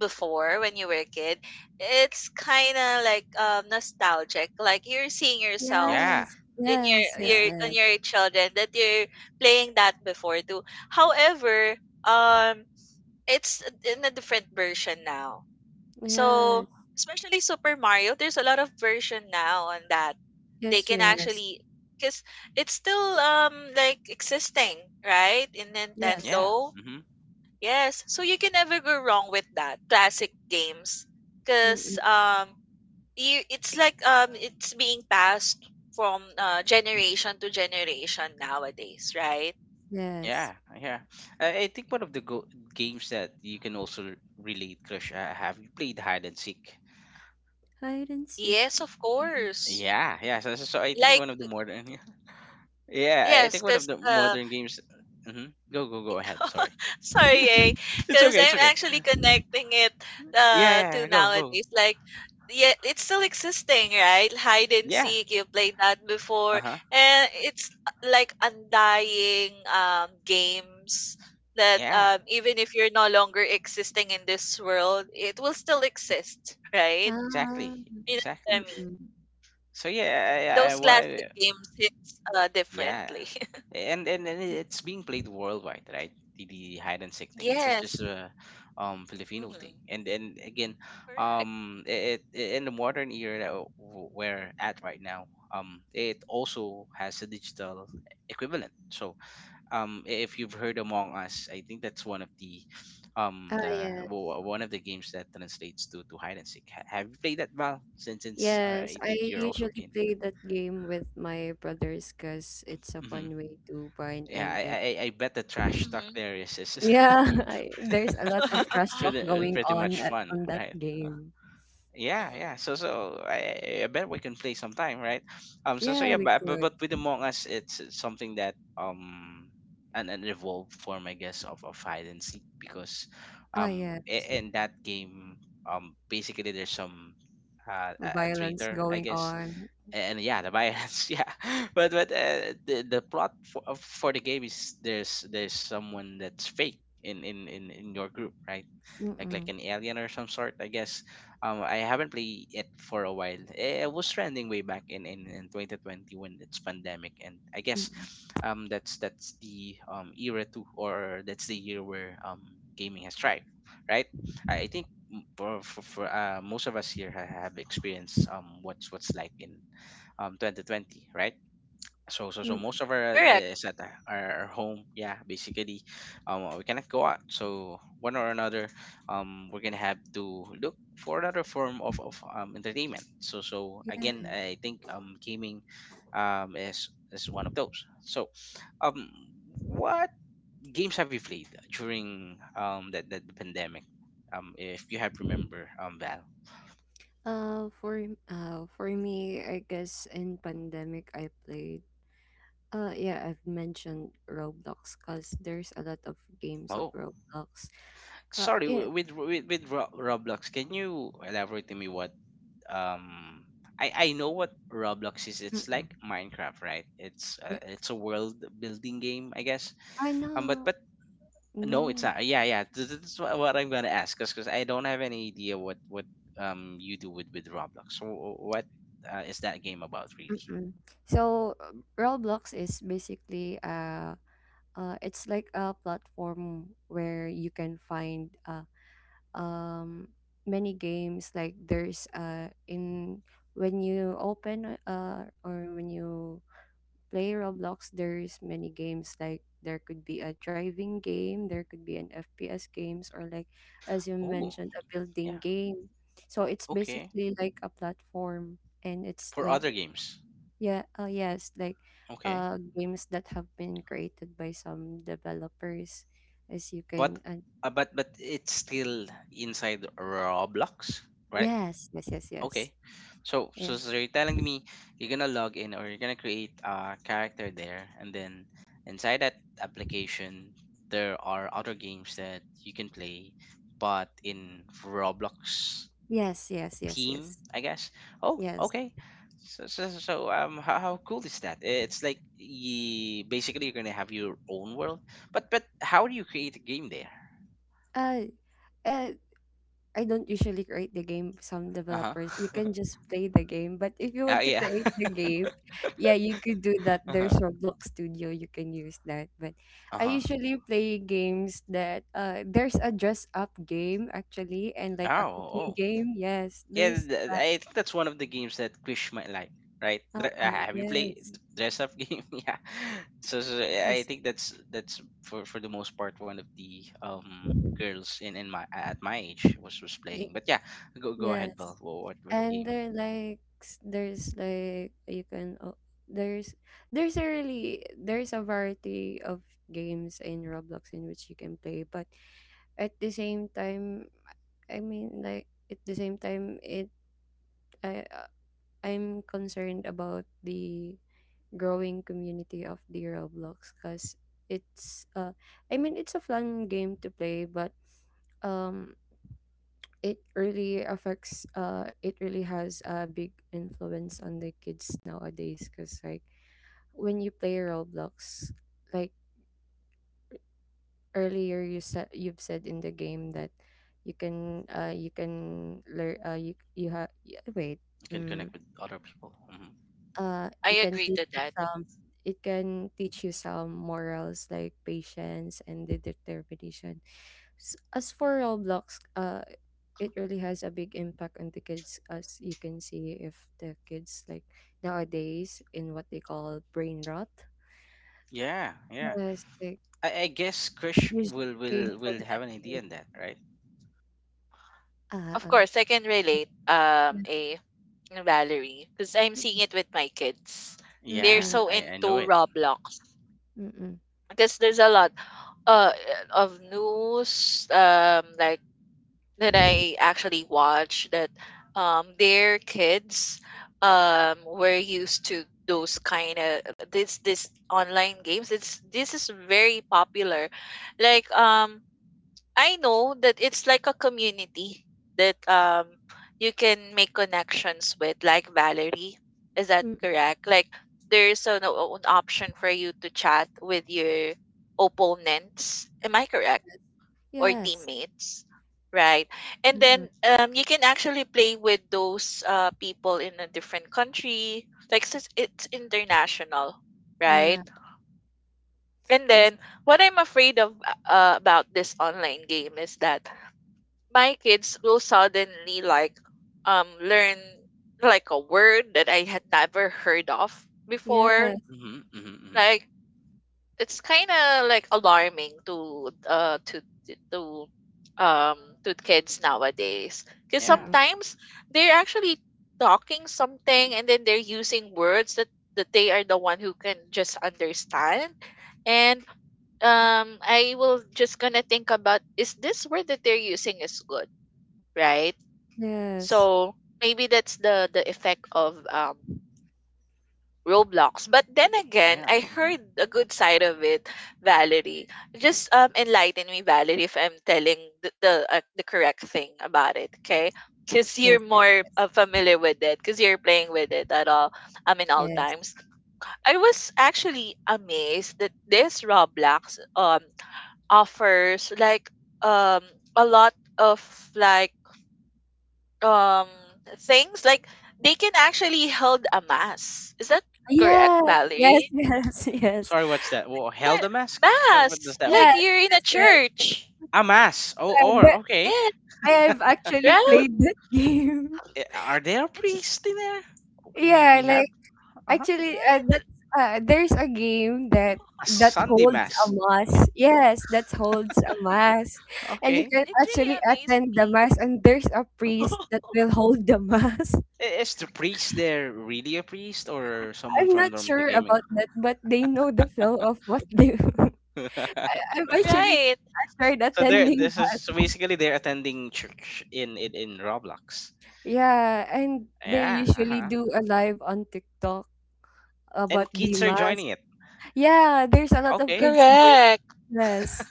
[SPEAKER 2] before when you were a kid, it's kind of like nostalgic. Like you're seeing yourself
[SPEAKER 1] Yeah,
[SPEAKER 3] yes,
[SPEAKER 2] in
[SPEAKER 3] yes, yes,
[SPEAKER 1] yeah,
[SPEAKER 2] your children, that you're playing that before too. However, um, it's in a different version now. So, especially Super Mario, there's a lot of version now on that. They
[SPEAKER 3] yes, yes,
[SPEAKER 2] can
[SPEAKER 3] yes, yes,
[SPEAKER 2] actually, because it's still like existing, right, in
[SPEAKER 3] yes,
[SPEAKER 1] yeah,
[SPEAKER 2] Nintendo.
[SPEAKER 1] mm-hmm,
[SPEAKER 2] Yes, so you can never go wrong with that classic games,
[SPEAKER 3] yes.
[SPEAKER 2] because, it's like, it's being passed from, generation to generation nowadays, right?
[SPEAKER 3] Yes.
[SPEAKER 1] yeah, yeah. I think one of the games that you can also relate, Crush, have you played hide and seek?
[SPEAKER 3] Hide and seek.
[SPEAKER 2] Yes, of
[SPEAKER 3] Mhm.
[SPEAKER 2] course.
[SPEAKER 1] Yeah, yeah. So I think
[SPEAKER 2] Like
[SPEAKER 1] one of the modern, yeah, I
[SPEAKER 2] Yes,
[SPEAKER 1] think one of
[SPEAKER 2] because,
[SPEAKER 1] the modern games. Hmm. Go, go, go ahead. Sorry,
[SPEAKER 2] sorry,
[SPEAKER 1] it's
[SPEAKER 2] because
[SPEAKER 1] okay, it's
[SPEAKER 2] I'm
[SPEAKER 1] okay.
[SPEAKER 2] actually connecting it
[SPEAKER 1] Yeah, yeah,
[SPEAKER 2] to
[SPEAKER 1] yeah. Go, go.
[SPEAKER 2] nowadays. Like, yeah, it's still existing, right? Hide and
[SPEAKER 1] Yeah.
[SPEAKER 2] seek, you played that
[SPEAKER 1] Uh
[SPEAKER 2] before,
[SPEAKER 1] huh.
[SPEAKER 2] and it's, like undying games that,
[SPEAKER 1] Yeah.
[SPEAKER 2] even if you're no longer existing in this world, it will still exist, right?
[SPEAKER 3] Ah,
[SPEAKER 1] Exactly.
[SPEAKER 2] You know what
[SPEAKER 1] Exactly.
[SPEAKER 2] I mean?
[SPEAKER 3] mm-mm.
[SPEAKER 1] So yeah, I,
[SPEAKER 2] Those
[SPEAKER 1] what
[SPEAKER 2] classic
[SPEAKER 1] I
[SPEAKER 2] games hits
[SPEAKER 1] yeah,
[SPEAKER 2] differently.
[SPEAKER 1] and it's being played worldwide, right? The hide and seek thing, it's not
[SPEAKER 2] Yes.
[SPEAKER 1] just a Filipino thing.
[SPEAKER 2] Mm-hmm.
[SPEAKER 1] And again,
[SPEAKER 2] Correct.
[SPEAKER 1] it, it in the modern era that we're at right now, it also has a digital equivalent. So if you've heard Among Us, I think that's one of the
[SPEAKER 3] Ah, yeah.
[SPEAKER 1] one of the games that translates to hide and seek. Have you played that, Val? Since
[SPEAKER 3] Yes,
[SPEAKER 1] I
[SPEAKER 3] I
[SPEAKER 1] think you're also
[SPEAKER 3] usually
[SPEAKER 1] keen
[SPEAKER 3] play
[SPEAKER 1] with,
[SPEAKER 3] that game with my brothers because it's a
[SPEAKER 1] hmm,
[SPEAKER 3] fun way to bind
[SPEAKER 1] yeah.
[SPEAKER 3] and
[SPEAKER 1] I, I
[SPEAKER 3] like
[SPEAKER 1] i I bet the trash talk
[SPEAKER 2] Mm-hmm.
[SPEAKER 1] there is it's
[SPEAKER 3] yeah, there's a lot of trash talk going
[SPEAKER 1] pretty
[SPEAKER 3] on
[SPEAKER 1] much
[SPEAKER 3] at
[SPEAKER 1] fun,
[SPEAKER 3] on that
[SPEAKER 1] right? Huh.
[SPEAKER 3] game.
[SPEAKER 1] Yeah, yeah.
[SPEAKER 2] Mhm.
[SPEAKER 1] So, I bet we can play sometime, right? So
[SPEAKER 3] Yeah,
[SPEAKER 1] yeah.
[SPEAKER 3] we
[SPEAKER 1] But, but,
[SPEAKER 3] could.
[SPEAKER 1] but with Among Us, it's something that, an evolved form, I guess, of hide and seek, because
[SPEAKER 3] Ah, yes,
[SPEAKER 1] in that game, basically there's some, a
[SPEAKER 3] violence
[SPEAKER 1] traitor, I
[SPEAKER 3] going
[SPEAKER 1] guess,
[SPEAKER 3] on.
[SPEAKER 1] and yeah, the violence, yeah. But the plot for the game is, there's someone that's fake in your group, right? Like
[SPEAKER 3] Mm-mm,
[SPEAKER 1] an alien or some sort, I guess. I haven't played it for a while. It was trending way back in 2020, when it's pandemic. And I guess
[SPEAKER 3] mm-mm,
[SPEAKER 1] that's the era too, or that's the year where gaming has thrived, right? I think, m- for most of us here have experienced what's like in 2020, right? So
[SPEAKER 3] mm.
[SPEAKER 1] most of our,
[SPEAKER 2] Correct.
[SPEAKER 1] is at our home, yeah. Basically we cannot go out, so one or another, we're gonna have to look for another form of entertainment. So
[SPEAKER 3] Yes.
[SPEAKER 1] again, I think gaming is one of those. So um what games have you played during, that the pandemic, if you have remember, Val?
[SPEAKER 3] For for me, I guess in pandemic I played. Yeah, I've mentioned Roblox because there's a lot of games of
[SPEAKER 1] Oh,
[SPEAKER 3] Roblox. Ka
[SPEAKER 1] sorry, Roblox, can you elaborate to me what, um I know what Roblox is.
[SPEAKER 3] yeah.
[SPEAKER 1] It's like Minecraft, right?
[SPEAKER 3] Yeah,
[SPEAKER 1] It's a world building game, I guess.
[SPEAKER 3] I
[SPEAKER 1] But
[SPEAKER 3] know.
[SPEAKER 1] but no, it's
[SPEAKER 3] No.
[SPEAKER 1] not. Yeah, yeah. What I'm gonna ask, 'cause I don't have any idea what you do with Roblox. So, what, is that game about really?
[SPEAKER 3] Mm-mm. So Roblox is basically it's like a platform where you can find, uh um many games. Like there's in when you open or when you play Roblox, there's many games like there could be a driving game, there could be an FPS games, or like as you
[SPEAKER 1] Oh,
[SPEAKER 3] mentioned, a building
[SPEAKER 1] yeah.
[SPEAKER 3] game. So it's
[SPEAKER 1] Okay.
[SPEAKER 3] basically like a platform, and it's
[SPEAKER 1] For
[SPEAKER 3] like
[SPEAKER 1] other games.
[SPEAKER 3] yeah, yes, like
[SPEAKER 1] Okay.
[SPEAKER 3] games that have been created by some developers, as you
[SPEAKER 1] But
[SPEAKER 3] can
[SPEAKER 1] but it's still inside Roblox, right?
[SPEAKER 3] yes, yes, yes, yes,
[SPEAKER 1] Okay. So,
[SPEAKER 3] yes,
[SPEAKER 1] so, so you're telling me, you're gonna log in, or you're gonna create a character there, and then inside that application, there are other games that you can play, but in Roblox
[SPEAKER 3] yes, yes, yes, yes,
[SPEAKER 1] theme, I guess. Oh,
[SPEAKER 3] yes.
[SPEAKER 1] okay. How cool is that? It's like you basically you're gonna have your own world, but how do you create a game there?
[SPEAKER 3] Uh, uh, I don't usually create the game. Some
[SPEAKER 1] Uh huh.
[SPEAKER 3] developers, you can just play the game. But if you want to
[SPEAKER 1] Yeah.
[SPEAKER 3] create the game, yeah, you could do that.
[SPEAKER 1] uh
[SPEAKER 3] There's
[SPEAKER 1] huh.
[SPEAKER 3] Roblox Studio, you can use that. But
[SPEAKER 1] Uh
[SPEAKER 3] I
[SPEAKER 1] huh.
[SPEAKER 3] usually play games that there's a dress up game actually, and like a
[SPEAKER 1] Oh,
[SPEAKER 3] cooking
[SPEAKER 1] oh.
[SPEAKER 3] game. Yes,
[SPEAKER 1] Yeah,
[SPEAKER 3] there's that.
[SPEAKER 1] I think that's one of the games that Krish might like, right? Have you played
[SPEAKER 3] Yes,
[SPEAKER 1] dress up game? yeah. Yeah, I
[SPEAKER 3] yes,
[SPEAKER 1] think that's for the most part one of the girls in my at my age was
[SPEAKER 3] y-
[SPEAKER 1] playing. But yeah, go ahead,
[SPEAKER 3] yes.
[SPEAKER 1] Val. What
[SPEAKER 3] And
[SPEAKER 1] game
[SPEAKER 3] they like s- there's like you can o- there's there's a really there's a variety of games in Roblox in which you can play, but at the same time, I mean like at the same time it I uh, I'm concerned about the growing community of the Roblox cuz it's uh, I mean it's a fun game to play, but, um, it really affects it really has a big influence on the kids nowadays because like when you play Roblox, like earlier you said you've said in the game that you can learn you you have wait,
[SPEAKER 1] you can
[SPEAKER 3] mm,
[SPEAKER 1] connect with other people?
[SPEAKER 2] I
[SPEAKER 3] it can
[SPEAKER 2] agree
[SPEAKER 3] teach
[SPEAKER 2] to
[SPEAKER 3] you
[SPEAKER 2] that.
[SPEAKER 3] some it can teach you some morals like patience and the determination. S- as for Roblox uh, it really has a big impact on the kids as you can see if the kids like nowadays in what they call brain rot,
[SPEAKER 1] Yeah, yeah.
[SPEAKER 3] yes, like
[SPEAKER 1] I guess Krish
[SPEAKER 3] usually
[SPEAKER 1] will
[SPEAKER 3] came
[SPEAKER 1] will
[SPEAKER 3] from
[SPEAKER 1] will
[SPEAKER 3] that
[SPEAKER 1] have an idea
[SPEAKER 3] game.
[SPEAKER 1] on that, right?
[SPEAKER 3] Ah
[SPEAKER 2] Of
[SPEAKER 3] Uh.
[SPEAKER 2] course I can relate,
[SPEAKER 3] Yeah.
[SPEAKER 2] a Valerie, because I'm seeing it with my kids. They're
[SPEAKER 1] Yeah,
[SPEAKER 3] Mm-mm,
[SPEAKER 2] so
[SPEAKER 1] I know
[SPEAKER 2] into
[SPEAKER 1] it.
[SPEAKER 2] Roblox,
[SPEAKER 3] mm-mm,
[SPEAKER 2] because there's a lot uh of news, like, that I actually watch, that their kids, were used to those kind of, this online games. It's This is very popular. Like, I know that it's like a community that, you can make connections with, like Valerie. Is that
[SPEAKER 3] mm-mm.
[SPEAKER 2] correct? Like, there's an, an option for you to chat with your opponents. Am I correct?
[SPEAKER 3] Yes.
[SPEAKER 2] Or
[SPEAKER 3] Yes.
[SPEAKER 2] teammates, right? And
[SPEAKER 3] Mm-mm.
[SPEAKER 2] then you can actually play with those people in a different country. Like, since it's international, right?
[SPEAKER 3] Yeah.
[SPEAKER 2] And
[SPEAKER 3] Yes.
[SPEAKER 2] then, what I'm afraid of, about this online game is that my kids will suddenly like learn like a word that I had never heard of before.
[SPEAKER 3] Yes.
[SPEAKER 1] Mm-hmm, mm-hmm,
[SPEAKER 2] Like, it's kind of like alarming, to um to kids nowadays, because
[SPEAKER 1] yeah,
[SPEAKER 3] Mm-mm.
[SPEAKER 2] sometimes they're actually talking something, and then they're using words that they are the one who can just understand. And I will just gonna think about, is this word that they're using is good, right?
[SPEAKER 3] Yes.
[SPEAKER 2] So maybe that's the effect of Roblox. But then again,
[SPEAKER 1] yeah.
[SPEAKER 2] I
[SPEAKER 1] Mm-hmm.
[SPEAKER 2] heard a good side of it, Valerie. Just enlighten me, Valerie, if I'm telling the correct thing about it, okay? Because you're
[SPEAKER 3] Yes, yes,
[SPEAKER 2] more,
[SPEAKER 3] yes,
[SPEAKER 2] familiar with it, because you're playing with it at all, I mean, all
[SPEAKER 3] yes.
[SPEAKER 2] times. I was actually amazed that this Roblox offers like um a lot of like um things like they can actually held a mass, is that correct,
[SPEAKER 3] Yeah, yes,
[SPEAKER 2] Valerie?
[SPEAKER 3] yes, yes, yes,
[SPEAKER 1] Sorry, what's that? Well, held
[SPEAKER 2] Like,
[SPEAKER 1] a mask? What does
[SPEAKER 2] mass
[SPEAKER 1] that
[SPEAKER 2] like
[SPEAKER 1] mean?
[SPEAKER 3] yes,
[SPEAKER 2] you're in a
[SPEAKER 3] yes.
[SPEAKER 2] church.
[SPEAKER 1] A mass. Oh,
[SPEAKER 3] Yeah,
[SPEAKER 1] or
[SPEAKER 3] that,
[SPEAKER 1] okay.
[SPEAKER 2] Yeah,
[SPEAKER 3] I have actually
[SPEAKER 2] right.
[SPEAKER 3] played that game.
[SPEAKER 1] Eh, are there a
[SPEAKER 2] It's
[SPEAKER 1] priest in there?
[SPEAKER 3] Yeah,
[SPEAKER 1] We have
[SPEAKER 3] like
[SPEAKER 1] uh-huh.
[SPEAKER 3] actually,
[SPEAKER 2] right.
[SPEAKER 3] that's, there's a game that
[SPEAKER 1] A
[SPEAKER 3] that
[SPEAKER 1] Sunday
[SPEAKER 3] holds a
[SPEAKER 1] mass. Okay,
[SPEAKER 3] mass. Yes, that holds a mass, and you
[SPEAKER 1] okay.
[SPEAKER 3] can
[SPEAKER 2] It really
[SPEAKER 3] actually
[SPEAKER 2] amazed
[SPEAKER 3] attend the
[SPEAKER 2] me.
[SPEAKER 3] mass. And there's a priest that will hold the mass.
[SPEAKER 1] Is the priest there really a priest or someone
[SPEAKER 3] I'm
[SPEAKER 1] from
[SPEAKER 3] not
[SPEAKER 1] the
[SPEAKER 3] sure
[SPEAKER 1] gaming?
[SPEAKER 3] about that, but they know the flow of what they. I've actually
[SPEAKER 2] Right.
[SPEAKER 3] I tried
[SPEAKER 1] So there,
[SPEAKER 3] attending
[SPEAKER 1] this is
[SPEAKER 3] that.
[SPEAKER 1] so basically they're attending church in Roblox.
[SPEAKER 3] Yeah, and they
[SPEAKER 1] Yeah,
[SPEAKER 3] usually
[SPEAKER 1] uh-huh.
[SPEAKER 3] do a live on TikTok about
[SPEAKER 1] And kids are
[SPEAKER 3] Dimas.
[SPEAKER 1] joining it.
[SPEAKER 3] Yeah, there's a lot of
[SPEAKER 1] Okay,
[SPEAKER 3] kids doing
[SPEAKER 2] Correct.
[SPEAKER 3] this.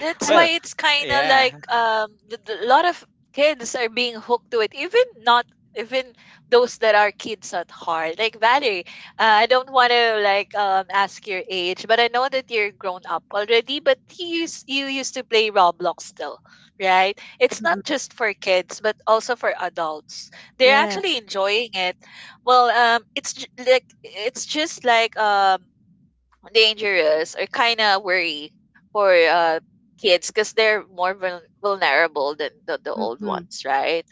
[SPEAKER 2] That's
[SPEAKER 3] I
[SPEAKER 2] why
[SPEAKER 1] well,
[SPEAKER 2] it's kind of
[SPEAKER 1] yeah,
[SPEAKER 2] like a lot of kids are being hooked to it, even not even those that are kids at heart. Like Valerie, I don't want to like ask your age, but I know that you're grown up already. But
[SPEAKER 3] yes.
[SPEAKER 2] you used to play Roblox still, right? It's not
[SPEAKER 3] Mm-mm.
[SPEAKER 2] just for kids, but also for adults. They're
[SPEAKER 3] Yeah.
[SPEAKER 2] actually enjoying it. Well, it's just like dangerous or kind of worry for kids because they're more vulnerable than the old
[SPEAKER 3] Mm-mm.
[SPEAKER 2] ones, right?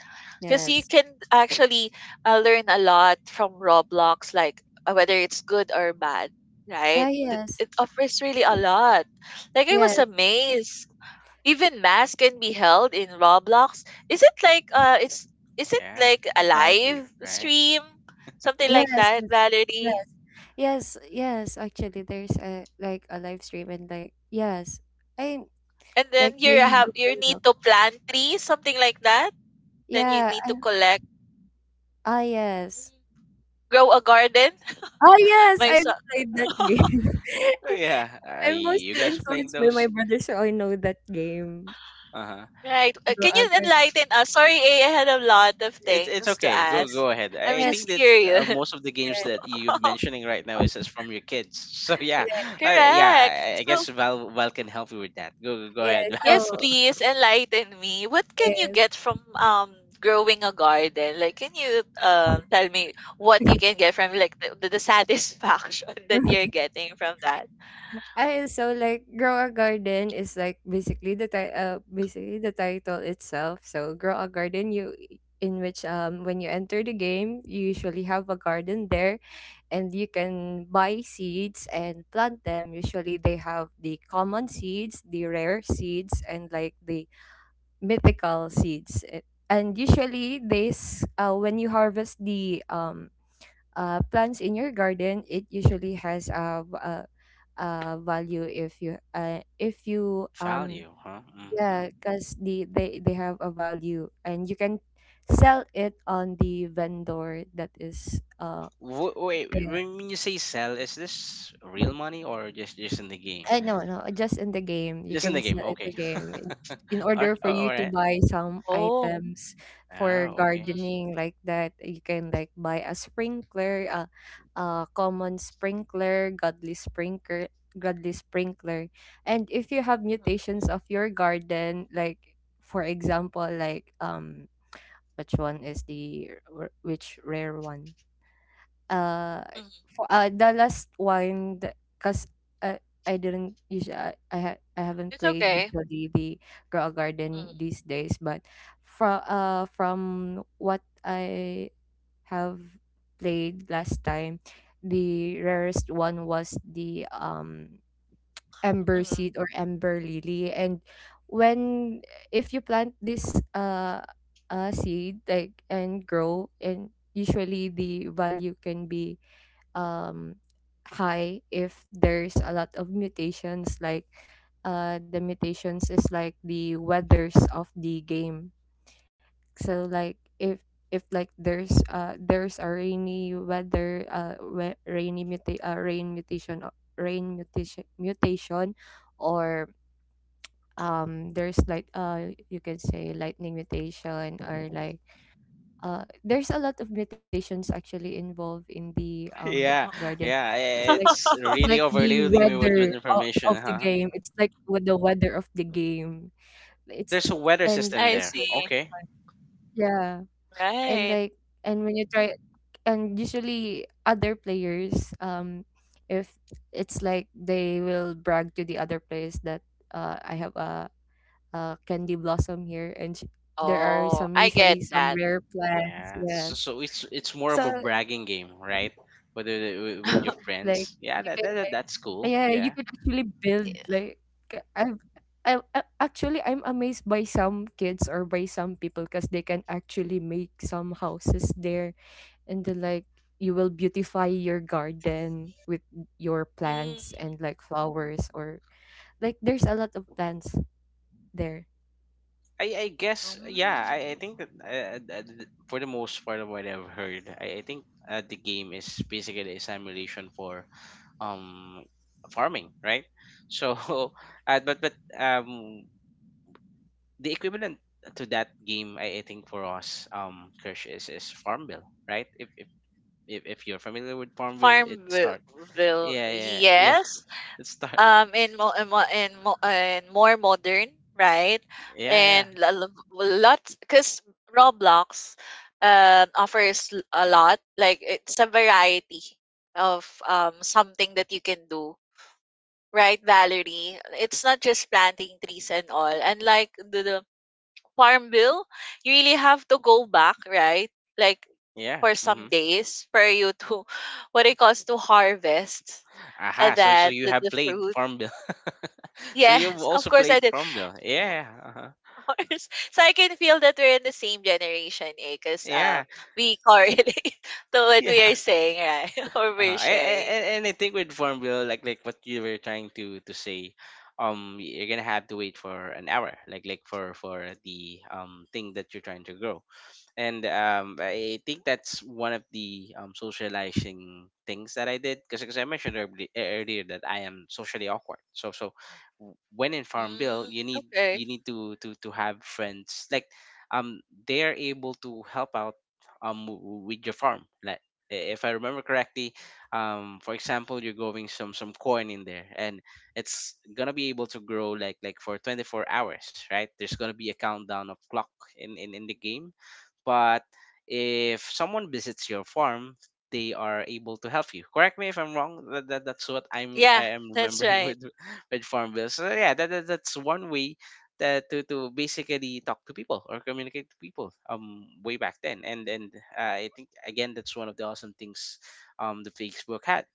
[SPEAKER 2] Because you
[SPEAKER 3] Yes.
[SPEAKER 2] can actually learn a lot from Roblox, like whether it's good or bad, right?
[SPEAKER 3] Ah,
[SPEAKER 2] it,
[SPEAKER 3] yes.
[SPEAKER 2] it offers really a lot. Like I was
[SPEAKER 3] Yes.
[SPEAKER 2] amazed even mass can be held in Roblox. Is it like it's is it
[SPEAKER 1] yeah,
[SPEAKER 2] like a
[SPEAKER 1] technology,
[SPEAKER 2] live
[SPEAKER 1] right?
[SPEAKER 2] stream, something
[SPEAKER 3] Yes.
[SPEAKER 2] like that,
[SPEAKER 3] Yes.
[SPEAKER 2] Valerie?
[SPEAKER 3] Yes. Yes. Yes. Actually, there's a like a live stream and like yes, I
[SPEAKER 2] And
[SPEAKER 3] like
[SPEAKER 2] then you
[SPEAKER 3] they
[SPEAKER 2] have
[SPEAKER 3] do
[SPEAKER 2] you need
[SPEAKER 3] conduct.
[SPEAKER 2] to plant trees, something like that. Then you
[SPEAKER 3] Yeah.
[SPEAKER 2] need to
[SPEAKER 3] And
[SPEAKER 2] collect,
[SPEAKER 3] ah yes.
[SPEAKER 2] grow a garden.
[SPEAKER 3] Ah yes,
[SPEAKER 2] My
[SPEAKER 3] I
[SPEAKER 2] son,
[SPEAKER 3] played that game.
[SPEAKER 1] Oh, yeah,
[SPEAKER 3] I'm
[SPEAKER 1] you
[SPEAKER 3] mostly
[SPEAKER 1] guys are playing
[SPEAKER 3] influenced by my
[SPEAKER 1] those.
[SPEAKER 3] brother, so I know that game.
[SPEAKER 1] Uh huh.
[SPEAKER 2] right?
[SPEAKER 3] Grow
[SPEAKER 2] Can
[SPEAKER 3] up
[SPEAKER 2] you
[SPEAKER 3] with it.
[SPEAKER 2] enlighten us? Sorry, A, I had a lot of
[SPEAKER 1] It's
[SPEAKER 2] things to
[SPEAKER 1] okay. Go
[SPEAKER 2] ask.
[SPEAKER 1] go ahead.
[SPEAKER 2] I'm
[SPEAKER 1] I
[SPEAKER 3] Yeah,
[SPEAKER 2] just
[SPEAKER 1] think that
[SPEAKER 2] curious.
[SPEAKER 1] most of the games that you're mentioning right now is just from your kids. So
[SPEAKER 3] yeah,
[SPEAKER 1] yeah,
[SPEAKER 3] yeah,
[SPEAKER 1] yeah.
[SPEAKER 2] Correct.
[SPEAKER 1] I
[SPEAKER 2] So
[SPEAKER 1] guess Val can help you with that.
[SPEAKER 3] yeah.
[SPEAKER 1] Ahead. Val.
[SPEAKER 2] yes,
[SPEAKER 3] So,
[SPEAKER 2] please enlighten me. What can you
[SPEAKER 3] yeah.
[SPEAKER 2] get from growing a garden? Like, can you tell me what you can get from like the satisfaction that you're getting from that?
[SPEAKER 3] I so like grow a garden is like basically the ti- basically the title itself. So grow a garden you in which when you enter the game you usually have a garden there, and you can buy seeds and plant them. Usually they have the common seeds, the rare seeds, and like the mythical seeds. It- And usually, this when you harvest the plants in your garden, it usually has a, v- a value if you
[SPEAKER 1] Value, huh? Mm-hmm.
[SPEAKER 3] yeah, because they have a value, and you can sell it on the vendor that is uh.
[SPEAKER 1] Wait, when you say sell, is this real money or just in the game?
[SPEAKER 3] No, no, just in the game. You
[SPEAKER 1] Just in
[SPEAKER 3] can
[SPEAKER 1] the game.
[SPEAKER 3] sell in
[SPEAKER 1] Okay.
[SPEAKER 3] the game. In order for
[SPEAKER 1] All
[SPEAKER 3] you to
[SPEAKER 1] right.
[SPEAKER 3] buy some
[SPEAKER 2] Oh.
[SPEAKER 3] items for
[SPEAKER 1] Oh, okay.
[SPEAKER 2] Mm,
[SPEAKER 3] gardening like that, you can like buy a sprinkler, a common sprinkler, godly sprinkler, godly sprinkler. And if you have
[SPEAKER 2] mm,
[SPEAKER 3] mutations of your garden, like for example, like which one is the r- which rare one? Uh,
[SPEAKER 2] mhm.
[SPEAKER 3] for the last one, because I didn't usually I, ha- I haven't
[SPEAKER 2] It's
[SPEAKER 3] played
[SPEAKER 2] okay.
[SPEAKER 3] usually the Grow a Garden
[SPEAKER 2] Mm,
[SPEAKER 3] these days, but from what I have played last time, the rarest one was the Ember
[SPEAKER 2] mhm.
[SPEAKER 3] Seed or Ember Lily. And when if you plant this seed like and grow, and usually the value can be um, high if there's a lot of mutations. Like the mutations is like the weathers of the game. So like if like there's a rainy weather rain mutation mutation, or there's like you can say lightning mutation, or like there's a lot of mutations actually involved in the
[SPEAKER 1] Yeah,
[SPEAKER 3] garden.
[SPEAKER 1] yeah.
[SPEAKER 3] So like
[SPEAKER 1] It's
[SPEAKER 3] it's
[SPEAKER 1] really
[SPEAKER 3] like the
[SPEAKER 1] overloading me with
[SPEAKER 3] weather
[SPEAKER 1] information,
[SPEAKER 3] of the
[SPEAKER 1] huh?
[SPEAKER 3] game. It's like with the weather of the game. It's
[SPEAKER 1] There's a weather
[SPEAKER 2] Mm,
[SPEAKER 3] and
[SPEAKER 1] system
[SPEAKER 2] I
[SPEAKER 3] it's
[SPEAKER 1] there.
[SPEAKER 3] really,
[SPEAKER 2] see.
[SPEAKER 3] really
[SPEAKER 1] Okay.
[SPEAKER 3] fun. Yeah, and
[SPEAKER 2] Right.
[SPEAKER 3] like and when you try and usually other players if it's like they will brag to the other players that I have a candy blossom here, there are
[SPEAKER 2] Oh,
[SPEAKER 3] some
[SPEAKER 2] I get
[SPEAKER 3] usually some
[SPEAKER 2] that.
[SPEAKER 3] rare plants.
[SPEAKER 1] Yeah. So,
[SPEAKER 3] Yes,
[SPEAKER 1] so it's more of
[SPEAKER 3] so
[SPEAKER 1] a bragging game, right? With your
[SPEAKER 3] like
[SPEAKER 1] friends.
[SPEAKER 3] you
[SPEAKER 1] Yeah,
[SPEAKER 3] can
[SPEAKER 1] that,
[SPEAKER 3] like,
[SPEAKER 1] that's cool.
[SPEAKER 3] yeah, you
[SPEAKER 1] Yeah.
[SPEAKER 3] can actually build
[SPEAKER 2] Yeah.
[SPEAKER 3] like ca- I've. Actually, I'm amazed by some kids or by some people because they can actually make some houses there, and then like you will beautify your garden with your plants
[SPEAKER 2] Mm,
[SPEAKER 3] and like flowers, or like there's a lot of plants there.
[SPEAKER 1] I guess yeah. I
[SPEAKER 2] mm.
[SPEAKER 1] think that for the most part of what I've heard, I think the game is basically a simulation for um farming, right? So, but the equivalent to that game, I think for us, Kirsch is Farmville, right? If you're familiar with Farmville, it start.
[SPEAKER 2] Farmville,
[SPEAKER 1] Yeah, yeah, yeah.
[SPEAKER 2] yes.
[SPEAKER 1] It start.
[SPEAKER 2] In more modern, right?
[SPEAKER 1] Yeah, yeah,
[SPEAKER 2] And lots, because Roblox offers a lot. Like it's a variety of something that you can do. Right, Valerie? It's not just planting trees and all. And like the farm bill, you really have to go back, right? Like
[SPEAKER 1] yeah.
[SPEAKER 2] for some
[SPEAKER 1] Mm-hmm.
[SPEAKER 2] days for you to what it calls to harvest
[SPEAKER 1] Aha. So so
[SPEAKER 2] that
[SPEAKER 1] you have
[SPEAKER 2] the
[SPEAKER 1] played
[SPEAKER 2] fruit.
[SPEAKER 1] Farmville. So you've
[SPEAKER 2] Yes, of
[SPEAKER 1] also
[SPEAKER 2] course I
[SPEAKER 1] played
[SPEAKER 2] did.
[SPEAKER 1] Farmville. Yeah. Uh-huh.
[SPEAKER 2] Of course. So I can feel that we're in the same generation, eh? Because
[SPEAKER 1] Yeah.
[SPEAKER 2] we correlate to what we are
[SPEAKER 1] Yeah.
[SPEAKER 2] saying, right? Or
[SPEAKER 1] Uh-huh.
[SPEAKER 2] we're sharing.
[SPEAKER 1] And I think with Farmville, like what you were trying to say, you're gonna have to wait for an hour, like for the thing that you're trying to grow. And I think that's one of the socializing things that I did because I mentioned earlier that I am socially awkward. So so when in
[SPEAKER 2] Mhm.
[SPEAKER 1] Farmville,
[SPEAKER 2] Mm, okay.
[SPEAKER 1] you need to have friends like um they are able to help out with your farm like if I remember correctly, for example, you're growing some corn in there, and it's gonna be able to grow like for 24 hours, right? There's gonna be a countdown of clock in the game, but if someone visits your farm, they are able to help you. Correct me if I'm wrong. That, that's what
[SPEAKER 2] Yeah,
[SPEAKER 1] I am
[SPEAKER 2] that's
[SPEAKER 1] remembering
[SPEAKER 2] right.
[SPEAKER 1] with with farm bills. So yeah, that, that's one way that to basically talk to people or communicate to people. Way back then, and I think again that's one of the awesome things the Facebook had.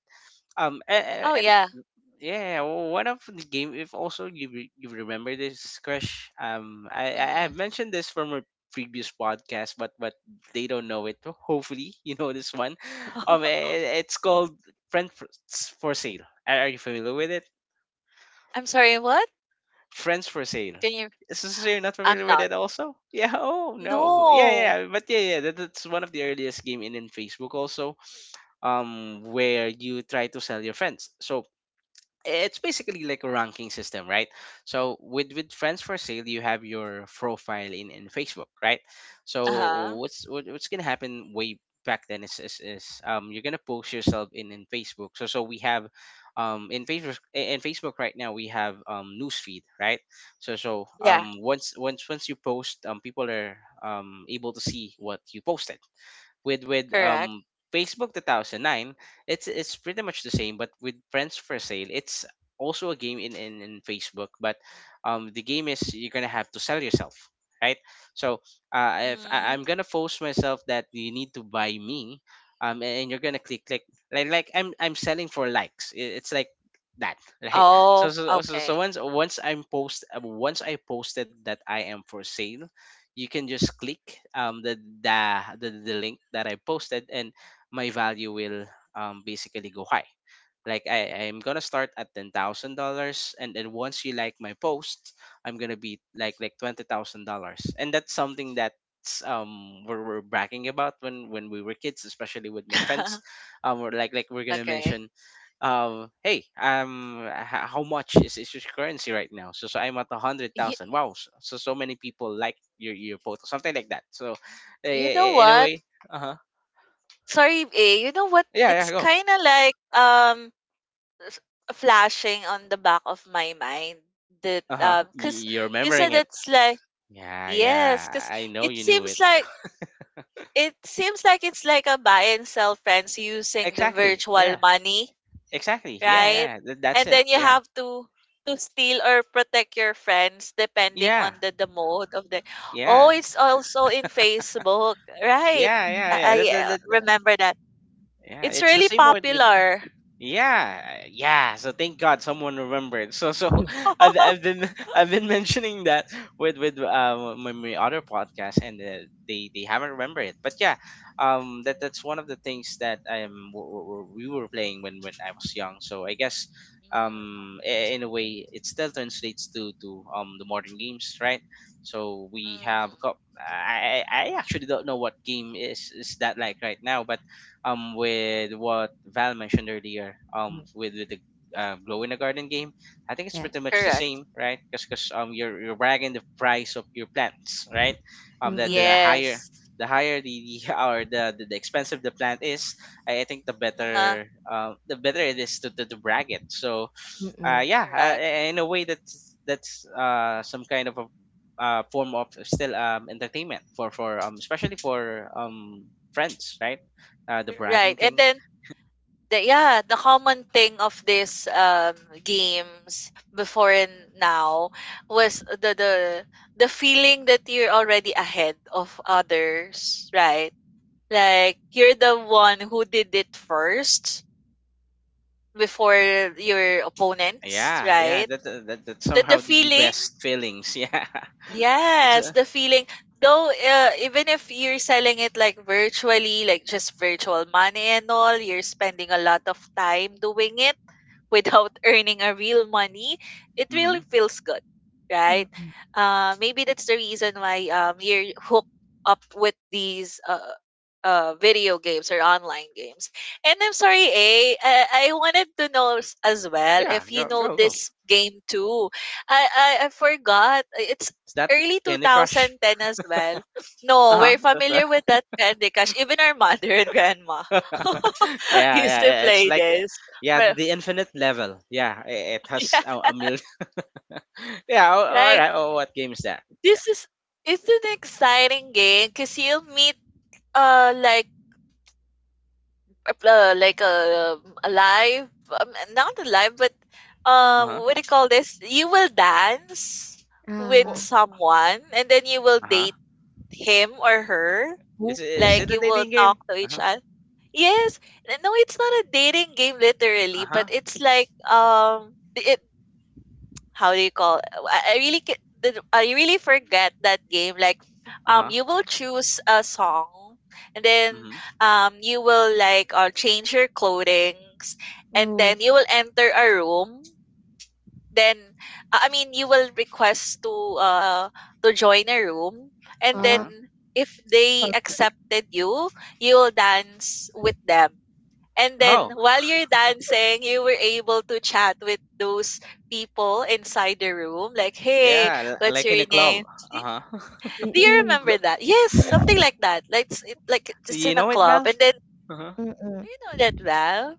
[SPEAKER 2] Oh
[SPEAKER 1] And
[SPEAKER 2] yeah.
[SPEAKER 1] yeah, one of the game. If also you you remember this, Crush. I
[SPEAKER 2] Hmm.
[SPEAKER 1] have mentioned this from a previous podcast, but they don't know it. Hopefully, you know this one. It's called Friends for Sale. Are you familiar with it?
[SPEAKER 2] I'm sorry, what?
[SPEAKER 1] Friends for Sale.
[SPEAKER 2] Can you
[SPEAKER 1] So, so you're not
[SPEAKER 2] I'm
[SPEAKER 1] familiar with
[SPEAKER 2] not.
[SPEAKER 1] it also? Yeah. Oh no. Yeah,
[SPEAKER 2] No.
[SPEAKER 1] yeah. But yeah, yeah. That, that's one of the earliest game in Facebook also. Where you try to sell your friends. So it's basically like a ranking system, right? So with friends for sale, you have your profile in Facebook, right? So
[SPEAKER 2] Uh-huh.
[SPEAKER 1] what's what, what's gonna happen way back then is you're gonna post yourself in Facebook. So so we have in Facebook right now we have newsfeed, right? So so
[SPEAKER 2] Yeah,
[SPEAKER 1] once you post people are able to see what you posted with
[SPEAKER 2] correct.
[SPEAKER 1] Facebook 2009. It's pretty much the same but with Friends for Sale it's also a game in Facebook but the game is you're going to have to sell yourself, right? So if
[SPEAKER 2] Hmm.
[SPEAKER 1] I'm going to force myself that you need to buy me, um, and you're going to click like I'm selling for likes. It's like that, right? So
[SPEAKER 2] Oh, okay.
[SPEAKER 1] once I'm post once I posted that I am for sale, you can just click um, the, the the link that I posted, and my value will basically go high like I'm gonna start at $10,000, and then once you like my post I'm gonna be like $20,000, and that's something that's we're bragging about when we were kids, especially with my friends. We're like we're gonna
[SPEAKER 2] Okay.
[SPEAKER 1] mention hey how much is your currency right now. So so I'm at a hundred
[SPEAKER 2] You,
[SPEAKER 1] thousand Wow. So, many people like your post, something like that. So eh,
[SPEAKER 2] you know
[SPEAKER 1] eh, in a
[SPEAKER 2] what?
[SPEAKER 1] way uh-huh
[SPEAKER 2] Sorry, A, you know what?
[SPEAKER 1] yeah yeah
[SPEAKER 2] It's
[SPEAKER 1] go
[SPEAKER 2] kind of like s- flashing on the back of my mind that
[SPEAKER 1] uh-huh
[SPEAKER 2] cuz
[SPEAKER 1] You're
[SPEAKER 2] you said
[SPEAKER 1] remembering.
[SPEAKER 2] it's like,
[SPEAKER 1] Yeah,
[SPEAKER 2] yes,
[SPEAKER 1] yeah.
[SPEAKER 2] cuz
[SPEAKER 1] I know
[SPEAKER 2] it
[SPEAKER 1] you knew
[SPEAKER 2] seems
[SPEAKER 1] it.
[SPEAKER 2] like, it seems like it's like a buy and sell friends using the
[SPEAKER 1] Exactly.
[SPEAKER 2] virtual
[SPEAKER 1] Yeah.
[SPEAKER 2] money,
[SPEAKER 1] Exactly. Yeah,
[SPEAKER 2] right?
[SPEAKER 1] yeah. That's
[SPEAKER 2] And
[SPEAKER 1] it.
[SPEAKER 2] then you
[SPEAKER 1] Yeah.
[SPEAKER 2] have to steal or protect your friends depending on
[SPEAKER 1] Yeah.
[SPEAKER 2] the mode of the. Oh,
[SPEAKER 1] Yeah.
[SPEAKER 2] it's also in Facebook, right?
[SPEAKER 1] Yeah, yeah,
[SPEAKER 2] I,
[SPEAKER 1] yeah. That,
[SPEAKER 2] I
[SPEAKER 1] that,
[SPEAKER 2] uh,
[SPEAKER 1] that,
[SPEAKER 2] remember that.
[SPEAKER 1] yeah,
[SPEAKER 2] It's
[SPEAKER 1] it's the
[SPEAKER 2] really
[SPEAKER 1] same word with
[SPEAKER 2] popular.
[SPEAKER 1] yeah, yeah. So thank God someone remembered. So so
[SPEAKER 3] 哼
[SPEAKER 1] I've been I've been mentioning that with my, my other podcast and they haven't remembered it. But yeah, that that's one of the things that we were playing when I was young. So I guess
[SPEAKER 2] Mm,
[SPEAKER 1] in a way it still translates to the modern games, right? So we have got
[SPEAKER 2] mhm.
[SPEAKER 1] I actually don't know what game is that like right now, but with what Val mentioned earlier
[SPEAKER 3] 嗯，
[SPEAKER 1] with the glow in the garden game. I think it's
[SPEAKER 3] 哎，
[SPEAKER 1] pretty much the
[SPEAKER 2] Correct.
[SPEAKER 1] same, right? Because you're bragging the price of your plants, right? Um,
[SPEAKER 3] 嗯
[SPEAKER 1] that
[SPEAKER 3] 嗯，
[SPEAKER 1] the higher
[SPEAKER 2] Yes.
[SPEAKER 1] the higher the or the, the expensive the plant is, I think the
[SPEAKER 2] Uh-huh.
[SPEAKER 1] better it is to, to brag it. So
[SPEAKER 3] 嗯 嗯，
[SPEAKER 1] yeah,
[SPEAKER 2] Correct.
[SPEAKER 1] in a way that's some kind of a form of still entertainment for especially for friends, right? The bragging
[SPEAKER 2] Right. And
[SPEAKER 1] thing.
[SPEAKER 2] then the, yeah, the common thing of these games before and now was the feeling that you're already ahead of others, right? Like you're the one who did it first before your opponents,
[SPEAKER 1] Yeah, yeah,
[SPEAKER 2] right?
[SPEAKER 1] that that that's
[SPEAKER 2] the, the
[SPEAKER 1] somehow the
[SPEAKER 2] feeling
[SPEAKER 1] best feelings. Yeah, it's
[SPEAKER 2] Yes,
[SPEAKER 1] a,
[SPEAKER 2] the feeling. Though, even if you're selling it like virtually, like just virtual money and all, you're spending a lot of time doing it without earning a real money, it really
[SPEAKER 1] mm-hmm.
[SPEAKER 2] feels good,
[SPEAKER 3] 嗯
[SPEAKER 2] right?
[SPEAKER 3] 嗯，
[SPEAKER 2] Maybe that's the reason why you're hooked up with these video games or online games. And I'm sorry, A, I wanted to know as well
[SPEAKER 1] Yeah.
[SPEAKER 2] if you
[SPEAKER 1] Go
[SPEAKER 2] know
[SPEAKER 1] go go.
[SPEAKER 2] this game too. I forgot. It's
[SPEAKER 1] Is that
[SPEAKER 2] early
[SPEAKER 1] Candy Crush?
[SPEAKER 2] 2010 as well. No,
[SPEAKER 1] Uh
[SPEAKER 2] we're
[SPEAKER 1] huh.
[SPEAKER 2] familiar with that Candy Crush. Even our mother and grandma
[SPEAKER 1] yeah,
[SPEAKER 2] used
[SPEAKER 1] yeah,
[SPEAKER 2] to
[SPEAKER 1] yeah. It's
[SPEAKER 2] play
[SPEAKER 1] like
[SPEAKER 2] this.
[SPEAKER 1] yeah,
[SPEAKER 2] Well,
[SPEAKER 1] the infinite level. Yeah, it,
[SPEAKER 2] yeah,
[SPEAKER 1] has a million. yeah. All
[SPEAKER 2] right.
[SPEAKER 1] right. Oh, what game is that? Yeah.
[SPEAKER 2] This is, it's an exciting game because you'll meet uh like like a live not alive but
[SPEAKER 1] Uh
[SPEAKER 2] what do you call this? You will dance
[SPEAKER 3] 啊
[SPEAKER 2] with
[SPEAKER 1] huh.
[SPEAKER 3] 啊，
[SPEAKER 2] someone and then you will
[SPEAKER 1] Uh-huh.
[SPEAKER 2] date him or her.
[SPEAKER 1] Is it
[SPEAKER 2] Like
[SPEAKER 1] a
[SPEAKER 2] you will
[SPEAKER 1] dating
[SPEAKER 2] talk
[SPEAKER 1] game?
[SPEAKER 2] to each
[SPEAKER 1] Uh-huh.
[SPEAKER 2] other. Yes. No, it's not a dating game literally, but
[SPEAKER 1] Uh-huh.
[SPEAKER 2] it's like um, it, how do you call, I really forget that game, like
[SPEAKER 1] Uh-huh.
[SPEAKER 2] you will choose a song and then
[SPEAKER 1] Mm-hmm.
[SPEAKER 2] you will like change your clothing and
[SPEAKER 3] 嗯嗯，
[SPEAKER 2] then you will enter a room, then I mean you will request uh to join a room, and then
[SPEAKER 3] 啊，
[SPEAKER 1] Uh-huh.
[SPEAKER 2] if they
[SPEAKER 3] 好，
[SPEAKER 2] accepted you, you'll dance with them. And
[SPEAKER 3] 好，
[SPEAKER 2] then
[SPEAKER 1] Oh,
[SPEAKER 3] 好，
[SPEAKER 2] while you're dancing, you were able to chat with those people inside the room like, "Hey,
[SPEAKER 1] yeah,
[SPEAKER 2] what's
[SPEAKER 1] like in
[SPEAKER 2] your
[SPEAKER 1] a club.
[SPEAKER 2] name?"
[SPEAKER 1] Uh-huh.
[SPEAKER 3] 嗯
[SPEAKER 2] Do you
[SPEAKER 3] 嗯
[SPEAKER 2] remember that? Yes, something like that. Like it's it, like it's
[SPEAKER 1] You
[SPEAKER 2] in a
[SPEAKER 1] know it,
[SPEAKER 2] club,
[SPEAKER 1] Val?
[SPEAKER 2] and then
[SPEAKER 1] Uh-huh.
[SPEAKER 3] 嗯嗯嗯。
[SPEAKER 2] do you know that, Val?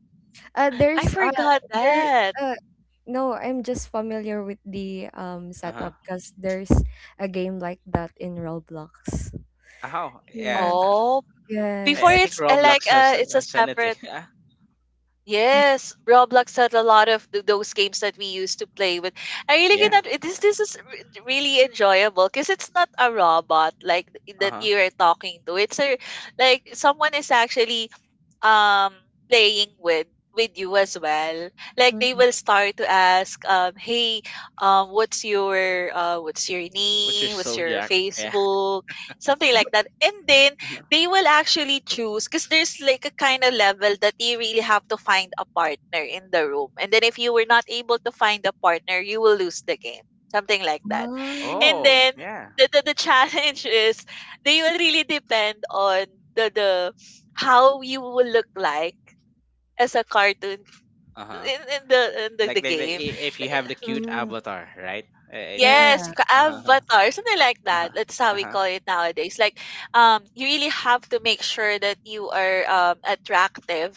[SPEAKER 3] There's
[SPEAKER 2] I forgot
[SPEAKER 3] there
[SPEAKER 2] that.
[SPEAKER 3] uh no, I'm just familiar with the
[SPEAKER 1] Uh-huh.
[SPEAKER 3] setup because there's a game like that in Roblox.
[SPEAKER 1] Oh, yeah.
[SPEAKER 3] Yes.
[SPEAKER 2] Oh, before
[SPEAKER 1] I
[SPEAKER 3] Yes.
[SPEAKER 1] think
[SPEAKER 2] it's uh, like
[SPEAKER 1] Roblox has
[SPEAKER 2] uh,
[SPEAKER 1] a,
[SPEAKER 2] it's a
[SPEAKER 1] has anything.
[SPEAKER 2] separate.
[SPEAKER 1] Yeah.
[SPEAKER 3] Mm,
[SPEAKER 2] Yes, Roblox had a lot of those games that we used to play with. I really
[SPEAKER 1] Yeah.
[SPEAKER 2] cannot. This, this is really enjoyable because it's not a robot like that
[SPEAKER 1] Uh-huh.
[SPEAKER 2] you are talking to. It's a like someone is actually um playing with you as well, like
[SPEAKER 3] mm,
[SPEAKER 2] they
[SPEAKER 3] mm.
[SPEAKER 2] will start to ask, um, hey, what's your
[SPEAKER 1] What's your
[SPEAKER 2] name, what's
[SPEAKER 1] soul
[SPEAKER 2] your
[SPEAKER 1] jack? Yeah.
[SPEAKER 2] Facebook, something like that. And then they will actually choose because there's like a kind of level that you really have to find a partner in the room, and then if you were not able to find a partner, you will lose the game, something like that. And
[SPEAKER 3] Ah.
[SPEAKER 1] Oh,
[SPEAKER 2] then
[SPEAKER 1] yeah.
[SPEAKER 2] the challenge is they will really depend on the how you will look like as a cartoon
[SPEAKER 1] Uh-huh.
[SPEAKER 2] in the in the, the
[SPEAKER 1] Like the,
[SPEAKER 2] game.
[SPEAKER 1] if you have the cute
[SPEAKER 3] Mm,
[SPEAKER 1] avatar, right? I think
[SPEAKER 2] Yes,
[SPEAKER 3] yeah.
[SPEAKER 1] uh-huh. Uh-huh.
[SPEAKER 2] avatar, something like
[SPEAKER 1] Uh-huh.
[SPEAKER 2] that. That's how we
[SPEAKER 1] Uh-huh.
[SPEAKER 2] call it nowadays. Like you really have to make sure that you are attractive.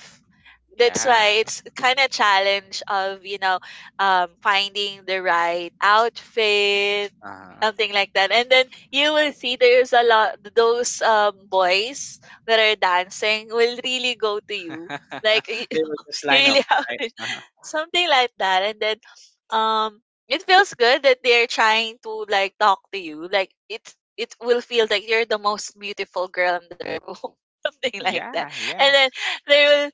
[SPEAKER 2] That's
[SPEAKER 1] Yeah.
[SPEAKER 2] why it's kind of challenge of, you know, finding the right outfit,
[SPEAKER 1] Uh-huh.
[SPEAKER 2] something like that. And then you will see there's a lot those boys that are dancing will really go to you like y-
[SPEAKER 1] They will just
[SPEAKER 2] you
[SPEAKER 1] line up,
[SPEAKER 2] really have
[SPEAKER 1] right?
[SPEAKER 2] to
[SPEAKER 1] Uh-huh.
[SPEAKER 2] something like that. And then um it feels good that they're trying to like talk to you, like it's it will feel like you're the most beautiful girl in the room something like that.
[SPEAKER 1] Yeah,
[SPEAKER 2] And
[SPEAKER 1] yeah.
[SPEAKER 2] then they will,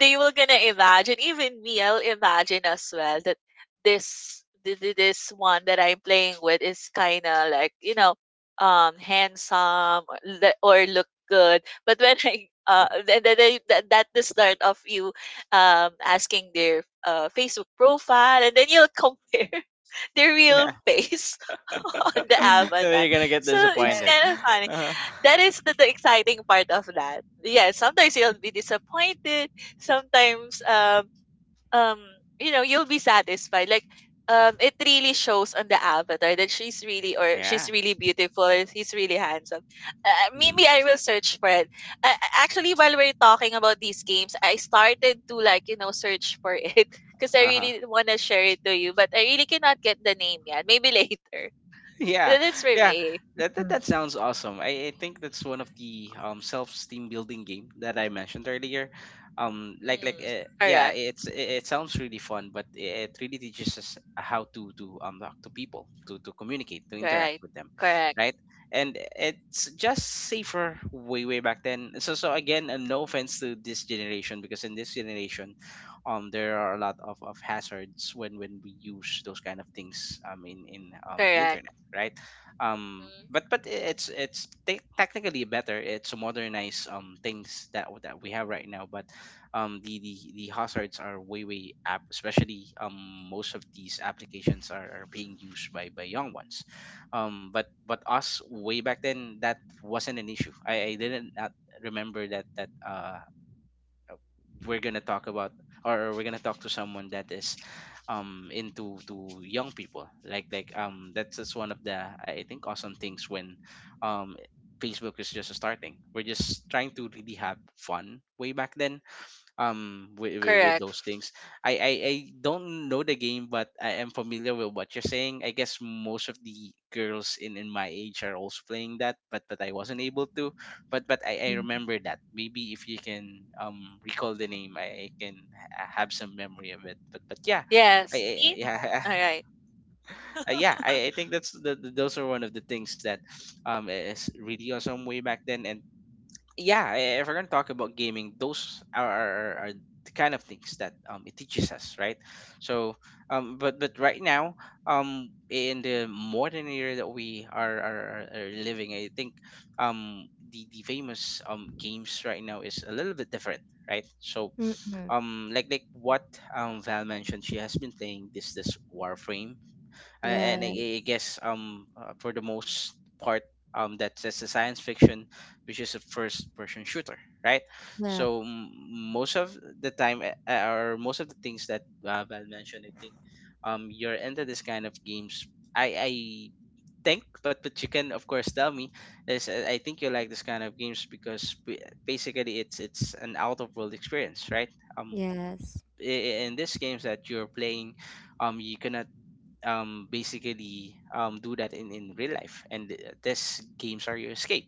[SPEAKER 2] they will gonna imagine, even me I'll imagine as well that this this one that I'm playing with is kind of like, you know, handsome, or or look good. But when I th- th- th- th- that the start of you asking their Facebook profile, and then you'll compare their
[SPEAKER 1] Yeah.
[SPEAKER 2] real face on the
[SPEAKER 3] Mm,
[SPEAKER 2] avatar.
[SPEAKER 1] You're gonna get
[SPEAKER 2] So
[SPEAKER 3] yeah.
[SPEAKER 2] it's
[SPEAKER 1] disappointed.
[SPEAKER 2] kind of funny.
[SPEAKER 1] Uh-huh.
[SPEAKER 2] That is the exciting part of that. Yeah, sometimes you'll be disappointed. Sometimes um you know you'll be satisfied, like it really shows on the avatar that she's really, or she's
[SPEAKER 1] Yeah.
[SPEAKER 2] really beautiful and he's really handsome. Uh, maybe
[SPEAKER 1] Mm.
[SPEAKER 2] I will search for it. Uh, actually while we're talking about these games I started to, like, you know, search for it because I
[SPEAKER 1] Uh-huh.
[SPEAKER 2] really want to share it to you, but I really cannot get the name yet, maybe later.
[SPEAKER 1] Yeah,
[SPEAKER 2] That is for
[SPEAKER 1] yeah,
[SPEAKER 2] me.
[SPEAKER 1] that, that sounds awesome. I think that's one of the self-esteem building game that I mentioned earlier, like
[SPEAKER 2] Hmm.
[SPEAKER 1] yeah
[SPEAKER 2] Correct.
[SPEAKER 1] it's it sounds really fun but it really teaches us how to talk to people, to communicate, to interact
[SPEAKER 2] Right.
[SPEAKER 1] with them,
[SPEAKER 2] Correct.
[SPEAKER 1] right? And it's just safer way way back then. So so again no offense to this generation, because in this generation there are a lot of hazards when we use those kind of things in the
[SPEAKER 2] Correct.
[SPEAKER 1] internet, right?
[SPEAKER 2] Mhm.
[SPEAKER 1] But it's technically better. It's to modernize things that we have right now. But the hazards are way way up, especially most of these applications are being used by young ones. But us way back then that wasn't an issue. I didn't not remember that we're gonna talk about or we're gonna talk to someone that is into to young people like that's just one of the I think awesome things when um facebook is just starting we're just trying to really have fun way back then with
[SPEAKER 2] Correct.
[SPEAKER 1] those things. I don't know the game but I am familiar with what you're saying. I guess most of the girls in my age are also playing that but I wasn't able to. But I remember that maybe if you can recall the name I can have some memory of it but yeah.
[SPEAKER 2] Yes, me.
[SPEAKER 1] Yeah.
[SPEAKER 2] All right.
[SPEAKER 1] Yeah, I think that's those are one of the things that is really awesome way back then. And yeah, if we're gonna talk about gaming, those are the kind of things that it teaches us, right? So but right now in the modern era that we are living, I think the famous games right now is a little bit different. Right, so
[SPEAKER 3] Mm-hmm.
[SPEAKER 1] like what Val mentioned, she has been playing this Warframe, a- and
[SPEAKER 3] Yeah.
[SPEAKER 1] I I guess for the most part that's just a science fiction, which is a first person shooter, right?
[SPEAKER 3] Yeah.
[SPEAKER 1] So most of the time, or most of the things that Val mentioned, I think you're into this kind of games. I think, but you can of course tell me is I think you like this kind of games because basically it's an out of world experience, right? Um,
[SPEAKER 3] Yes.
[SPEAKER 1] in these games that you're playing, you cannot basically do that in real life, and these games are your escape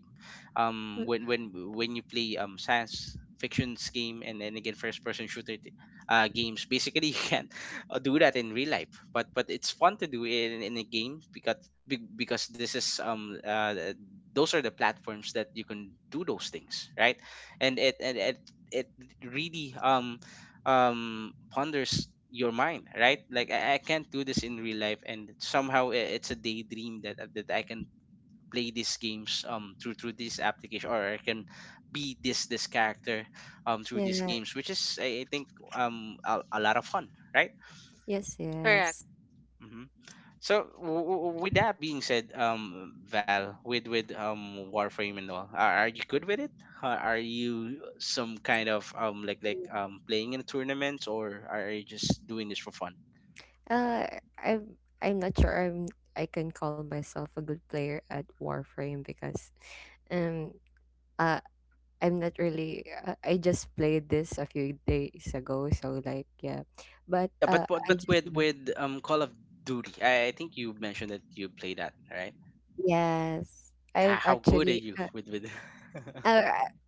[SPEAKER 3] Mm.
[SPEAKER 1] when when you play science fictions game and then again first person shooter games basically you can't do that in real life but it's fun to do in a game because because this is those are the platforms that you can do those things right. And it it really ponders your mind, right? Like I can't do this in real life and somehow it's a daydream that that I can play these games through this application, or I can be this character through these
[SPEAKER 3] Yes.
[SPEAKER 1] games, which is I think a lot of fun, right?
[SPEAKER 3] Yes.
[SPEAKER 2] Correct.
[SPEAKER 3] Yes.
[SPEAKER 1] hmm So with that being said, Val, with Warframe and all, are you good with it? Are you some kind of like playing in a tournament, or are you just doing this for fun?
[SPEAKER 3] Uh, I'm not sure I can call myself a good player at Warframe because um uh, I'm not really. I just played this a few days ago, so like, yeah, but
[SPEAKER 1] Yeah, but but
[SPEAKER 3] I
[SPEAKER 1] but
[SPEAKER 3] just love.
[SPEAKER 1] with Call of Duty, I think you mentioned that you play that, right?
[SPEAKER 3] Yes, I've
[SPEAKER 1] How good
[SPEAKER 3] actually.
[SPEAKER 1] are you with?
[SPEAKER 3] Uh,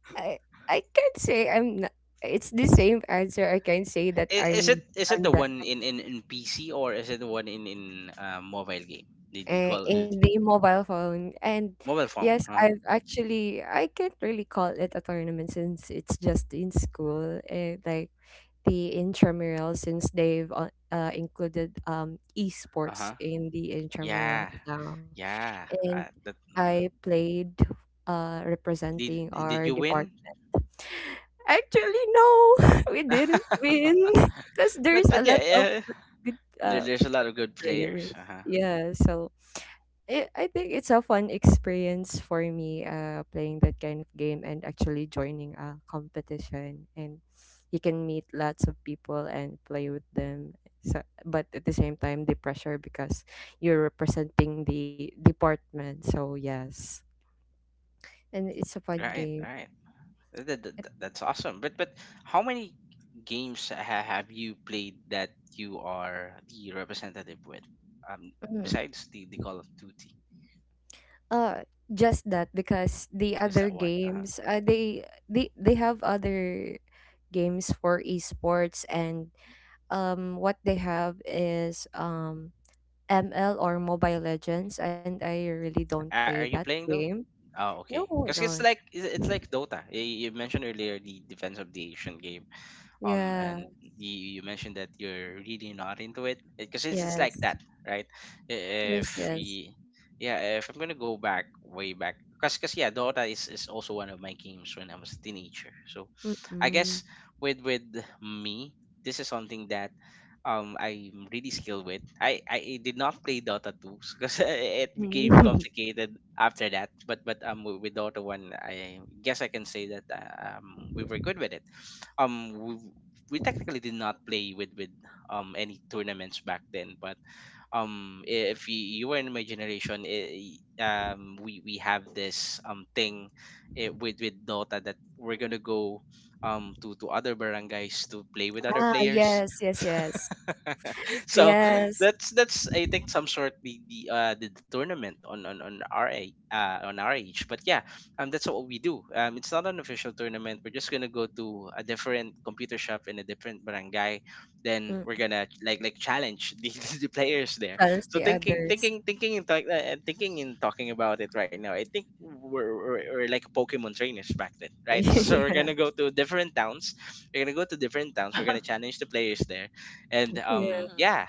[SPEAKER 3] I I can't say I'm. Not, it's the same answer. I can say that
[SPEAKER 1] Is it
[SPEAKER 3] I'm.
[SPEAKER 1] is it the
[SPEAKER 3] I'm that
[SPEAKER 1] one in in PC or is it the one in mobile game? The Call of
[SPEAKER 3] in
[SPEAKER 1] Duty
[SPEAKER 3] the mobile phone, and
[SPEAKER 1] mobile phone.
[SPEAKER 3] yes,
[SPEAKER 1] Uh huh.
[SPEAKER 3] I've actually. I can't really call it a tournament since it's just in school. Like the intramural, since they've included
[SPEAKER 1] Uh
[SPEAKER 3] esports
[SPEAKER 1] huh.
[SPEAKER 3] in the intramural
[SPEAKER 1] Yeah.
[SPEAKER 3] now.
[SPEAKER 1] Yeah.
[SPEAKER 3] And
[SPEAKER 1] That.
[SPEAKER 3] I
[SPEAKER 1] Mhm.
[SPEAKER 3] played
[SPEAKER 1] Did
[SPEAKER 3] representing
[SPEAKER 1] did did
[SPEAKER 3] our
[SPEAKER 1] you win?
[SPEAKER 3] department. Actually, no, we didn't win because
[SPEAKER 1] but
[SPEAKER 3] there's a
[SPEAKER 1] but yeah,
[SPEAKER 3] lot of
[SPEAKER 1] yeah.
[SPEAKER 3] good
[SPEAKER 1] There,
[SPEAKER 3] uh,
[SPEAKER 1] there's a lot of good players.
[SPEAKER 3] players.
[SPEAKER 1] Uh huh.
[SPEAKER 3] Yeah, so I think it's a fun experience for me playing that kind of game and actually joining a competition, and you can meet lots of people and play with them. So, but at the same time the pressure, because you're representing the department, so yes, and it's a fun
[SPEAKER 1] Right.
[SPEAKER 3] game.
[SPEAKER 1] Right. That's awesome. But how many games have you played that you are the representative with? Um,
[SPEAKER 3] Mm-hmm.
[SPEAKER 1] besides the Call of Duty.
[SPEAKER 3] Uh, just that, because the
[SPEAKER 1] Just that
[SPEAKER 3] other
[SPEAKER 1] one. Uh-huh.
[SPEAKER 3] games, they they have other games for esports, and what they have is ML or Mobile Legends, and I really don't play
[SPEAKER 1] Are
[SPEAKER 3] that
[SPEAKER 1] you playing those?
[SPEAKER 3] game.
[SPEAKER 1] Oh, okay.
[SPEAKER 3] No,
[SPEAKER 1] Because
[SPEAKER 3] no,
[SPEAKER 1] it's like Dota. You mentioned earlier the Defense of the ancient game
[SPEAKER 3] yeah,
[SPEAKER 1] and you mentioned that you're really not into it because it's like
[SPEAKER 3] yes,
[SPEAKER 1] that, right? I-
[SPEAKER 3] yes,
[SPEAKER 1] if
[SPEAKER 3] yes.
[SPEAKER 1] y- Yeah, if I'm gonna go back way back yeah dota is also one of my games when I was a teenager. So I
[SPEAKER 3] Mm-mm.
[SPEAKER 1] guess with me this is something that I'm really skilled with. I did not play dota 2 because it became complicated after that but with dota 1 I guess I can say that we were good with it. um we technically did not play with any tournaments back then, but if you, you were in my generation, I we have this thing with Dota that we're gonna go to other barangays to play with other
[SPEAKER 3] Ah,
[SPEAKER 1] players.
[SPEAKER 3] yes, yes, yes,
[SPEAKER 1] So
[SPEAKER 3] yes.
[SPEAKER 1] that's I think some sort the tournament on our on our age. But yeah, that's what we do. It's not an official tournament. We're just gonna go to a different computer shop in a different barangay. Then we're
[SPEAKER 3] Mm.
[SPEAKER 1] gonna like challenge the players there.
[SPEAKER 3] Chance
[SPEAKER 1] So
[SPEAKER 3] the others.
[SPEAKER 1] thinking and talking about it right now. I think we're like Pokemon trainers back then, right? So, so we're
[SPEAKER 3] Yeah,
[SPEAKER 1] gonna go to different towns. We're gonna go to different towns. We're gonna challenge the players there, and
[SPEAKER 3] yeah.
[SPEAKER 2] Mhm.
[SPEAKER 1] yeah.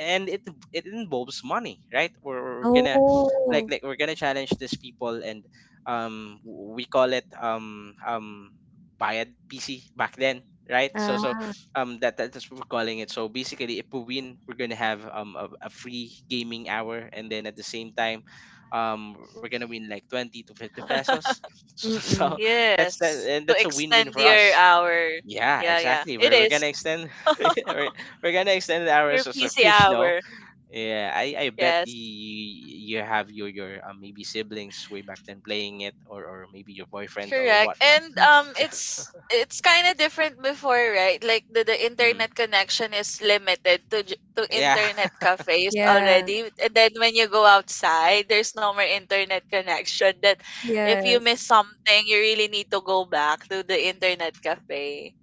[SPEAKER 1] And it involves money, right? We're gonna
[SPEAKER 3] Oh,
[SPEAKER 1] like we're gonna challenge these people, and um we call it bayad pc back then, right? So so
[SPEAKER 3] ah,
[SPEAKER 1] that's what we're calling it. So basically if we win we're gonna have a free gaming hour and then at the same time we're gonna win like 20 to 50 pesos so, so
[SPEAKER 3] mm-mm.
[SPEAKER 1] that's that
[SPEAKER 2] Yes,
[SPEAKER 1] and
[SPEAKER 2] to
[SPEAKER 1] that's a win-win
[SPEAKER 2] extend
[SPEAKER 1] for
[SPEAKER 2] your
[SPEAKER 1] us.
[SPEAKER 2] hour.
[SPEAKER 1] Yeah,
[SPEAKER 2] Yeah, yeah.
[SPEAKER 1] exactly.
[SPEAKER 2] It
[SPEAKER 1] We're
[SPEAKER 2] is
[SPEAKER 1] gonna extend we're, we're gonna extend the hours
[SPEAKER 2] your
[SPEAKER 1] of so
[SPEAKER 2] PC
[SPEAKER 1] Krishno.
[SPEAKER 2] hour.
[SPEAKER 1] Yeah, I bet
[SPEAKER 2] Yes.
[SPEAKER 1] you have your maybe siblings way back then playing it, or maybe your boyfriend or
[SPEAKER 2] Correct.
[SPEAKER 1] whatnot.
[SPEAKER 2] And
[SPEAKER 1] Yeah.
[SPEAKER 2] it's kind of different before, right? Like the
[SPEAKER 1] Hmm.
[SPEAKER 2] internet connection is limited to to
[SPEAKER 1] Yeah.
[SPEAKER 2] internet cafes
[SPEAKER 3] Yeah,
[SPEAKER 2] already. And then when you go outside, there's no more internet connection that if you
[SPEAKER 3] yes,
[SPEAKER 2] miss something, you really need to go back to the internet cafe.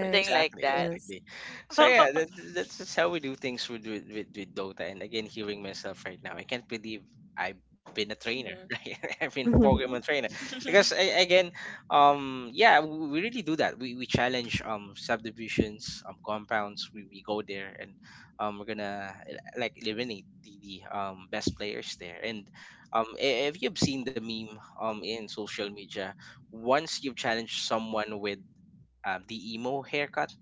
[SPEAKER 2] Something like
[SPEAKER 1] Exactly,
[SPEAKER 2] that.
[SPEAKER 3] yes.
[SPEAKER 1] exactly. So yeah, that, that's just how we do things with, with with Dota. And again, hearing myself right now, I can't believe I've been a trainer,
[SPEAKER 2] Mhm.
[SPEAKER 1] right? I've been a Pokemon trainer because I, again, yeah, we really do that. We challenge subdivisions, compounds. We go there and we're gonna like eliminate the best players there. And if you've seen the meme in social media, once you've challenged someone with the emo haircut,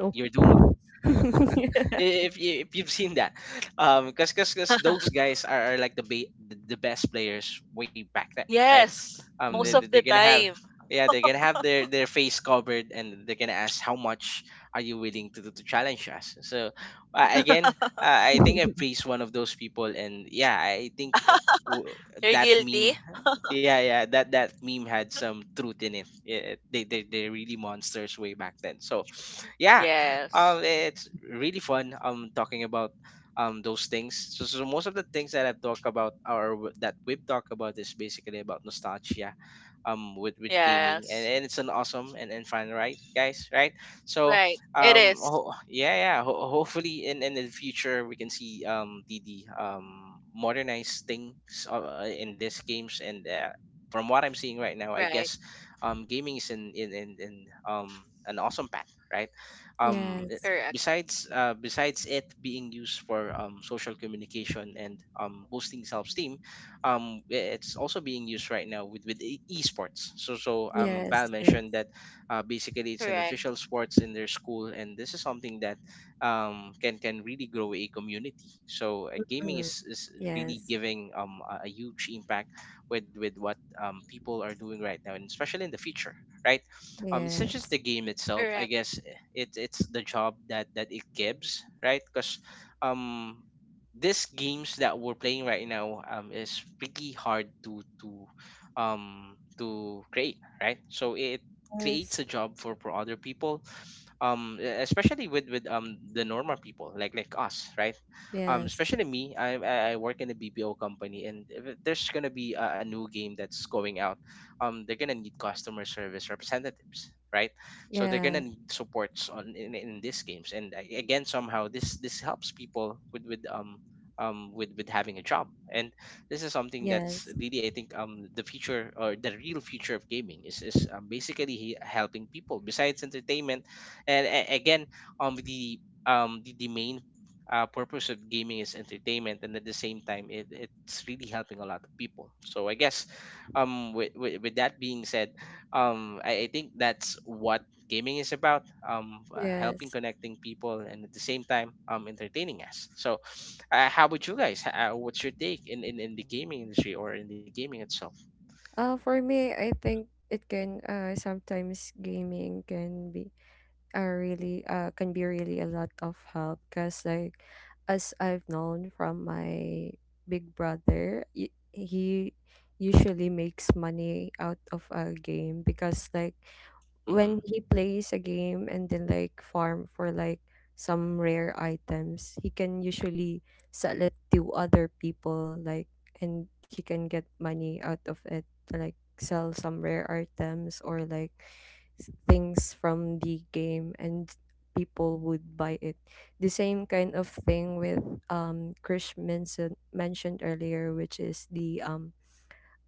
[SPEAKER 3] Oh.
[SPEAKER 1] you're doomed.
[SPEAKER 3] Yeah.
[SPEAKER 1] If you, if you've seen that because those guys are like the, the best players way back then, right?
[SPEAKER 2] Yes,
[SPEAKER 1] They,
[SPEAKER 2] most
[SPEAKER 3] Mm.
[SPEAKER 2] of
[SPEAKER 1] they're
[SPEAKER 2] the
[SPEAKER 1] gonna have
[SPEAKER 2] time.
[SPEAKER 1] yeah they're gonna have their face covered, and they're gonna ask how much are you willing to challenge us. So again, I think I praised one of those people, and yeah I think that w-
[SPEAKER 2] You're
[SPEAKER 1] that meme,
[SPEAKER 2] guilty?
[SPEAKER 1] yeah. Yeah, that that meme had some truth in it. It they they're really monsters way back then, so yeah.
[SPEAKER 2] Yes.
[SPEAKER 1] Um, it's really fun. Talking about those things. So, so most of the things that I've talked about or that we've talked about is basically about nostalgia, with gaming,
[SPEAKER 2] Yes.
[SPEAKER 1] and it's an awesome and fun, right, guys? Right. So,
[SPEAKER 2] Right. It is.
[SPEAKER 1] yeah, yeah. Hopefully, in the future, we can see the modernized things in these games. And. From what I'm seeing right now, I
[SPEAKER 2] Right.
[SPEAKER 1] guess gaming is in an awesome path, right? um eh,
[SPEAKER 3] Yes,
[SPEAKER 2] Correct.
[SPEAKER 1] Besides besides it being used for social communication and boosting self-esteem it's also being used right now with esports. So so val
[SPEAKER 3] yes, yes.
[SPEAKER 1] mentioned that basically it's an
[SPEAKER 2] Correct.
[SPEAKER 1] official sports in their school, and this is something that can really grow a community. So gaming
[SPEAKER 3] Mm.
[SPEAKER 1] is really
[SPEAKER 3] Yes,
[SPEAKER 1] giving a huge impact with what
[SPEAKER 2] Mhm.
[SPEAKER 1] people are doing right now and especially in the future, right? It's not just
[SPEAKER 3] yes,
[SPEAKER 1] the game itself. I
[SPEAKER 2] Correct.
[SPEAKER 1] guess it it's the job that that it gives, right? Because um these games that we're playing right now is pretty hard to create, right? So it
[SPEAKER 3] yes,
[SPEAKER 1] creates a job for other people especially with the normal people like us, right? Um
[SPEAKER 3] yes,
[SPEAKER 1] especially me I work in a bpo company, and if there's gonna be a new game that's going out they're gonna need customer service representatives, right? So they're
[SPEAKER 3] yeah,
[SPEAKER 1] gonna need supports on in these games, and again somehow this this helps people with having a job. And this is something
[SPEAKER 3] yes,
[SPEAKER 1] that's really I think the future or the real future of gaming is basically helping people besides entertainment. And again um the the main purpose of gaming is entertainment, and at the same time it, it's really helping a lot of people. So I guess with that being said I think that's what gaming is about helping
[SPEAKER 3] yes.
[SPEAKER 1] connecting people and at the same time entertaining us. So how about you guys? What's your take in, in the gaming industry or in the gaming itself?
[SPEAKER 3] For me, I think it can, sometimes gaming can be are really can be really a lot of help, because like, as I've known from my big brother, y- he usually makes money out of a game, because like
[SPEAKER 1] hmm
[SPEAKER 3] when he plays a game and then like farm for like some rare items, he can usually sell it to other people, like, and he can get money out of it, to like sell some rare items or like s- things from the game, and people would buy it. The same kind of thing with Krish mentioned earlier, which is the um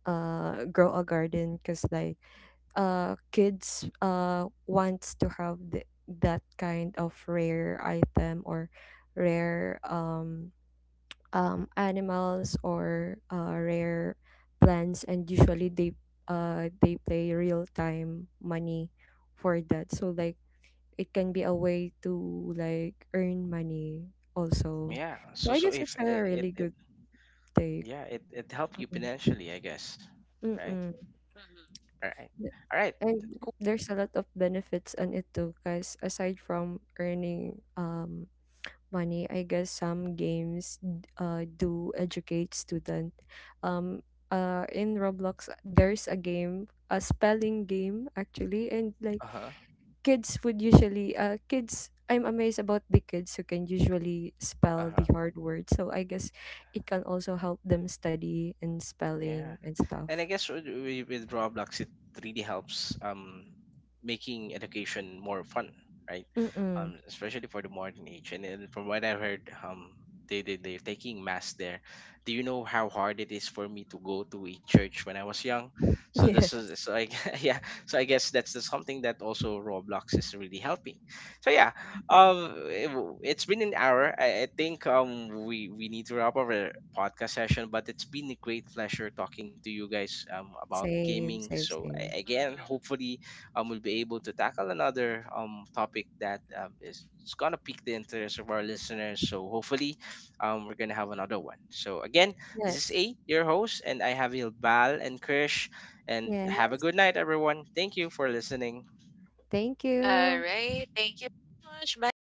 [SPEAKER 3] uh grow a garden, because like kids wants to have th- that kind of rare item or rare animals, or rare plants, and usually they pay real time money for that. So like it can be a way to like earn money also.
[SPEAKER 1] yeah,
[SPEAKER 3] So
[SPEAKER 1] so
[SPEAKER 3] I
[SPEAKER 1] so
[SPEAKER 3] guess
[SPEAKER 1] if
[SPEAKER 3] it's a
[SPEAKER 1] it, it,
[SPEAKER 3] really
[SPEAKER 1] it
[SPEAKER 3] good take.
[SPEAKER 1] yeah it helped you
[SPEAKER 3] Mm-mm.
[SPEAKER 1] financially I guess, right?
[SPEAKER 3] Mm-mm.
[SPEAKER 2] Mhm.
[SPEAKER 1] All right. All right.
[SPEAKER 3] And
[SPEAKER 1] Cool.
[SPEAKER 3] there's a lot of benefits on it too, because aside from earning money, I guess some games do educate student. Um in Roblox there's a game, a spelling game actually, and like
[SPEAKER 1] Uh-huh.
[SPEAKER 3] kids would usually kids I'm amazed about the kids who can usually spell the
[SPEAKER 1] Uh-huh.
[SPEAKER 3] hard words. So I guess it can also help them study and spelling
[SPEAKER 1] Yeah.
[SPEAKER 3] and
[SPEAKER 1] And I
[SPEAKER 3] stuff.
[SPEAKER 1] guess with, with Roblox it really helps making education more fun, right?
[SPEAKER 3] Mm-mm.
[SPEAKER 1] Especially for the modern age. And then from what I heard they they're taking mass there. Do you know how hard it is for me to go to a church when I was young? So this
[SPEAKER 3] Yeah.
[SPEAKER 1] is so I yeah, so I guess that's the something that also Roblox is really helping. So yeah, it, has been an hour. I think we need to wrap up our podcast session, but it's been a great pleasure talking to you guys about
[SPEAKER 3] Same,
[SPEAKER 1] gaming.
[SPEAKER 3] same,
[SPEAKER 1] So
[SPEAKER 3] same.
[SPEAKER 1] again
[SPEAKER 2] Mhm.
[SPEAKER 1] hopefully we'll be able to tackle another topic that is it's gonna pique the interest of our listeners. So hopefully we're gonna have another one. So again this is
[SPEAKER 3] Yes.
[SPEAKER 1] a your host, and I have Bal and krish, and
[SPEAKER 3] Yeah.
[SPEAKER 1] have a good night everyone. Thank you for listening.
[SPEAKER 3] Thank
[SPEAKER 2] All
[SPEAKER 3] you.
[SPEAKER 2] right. Thank you so much. Bye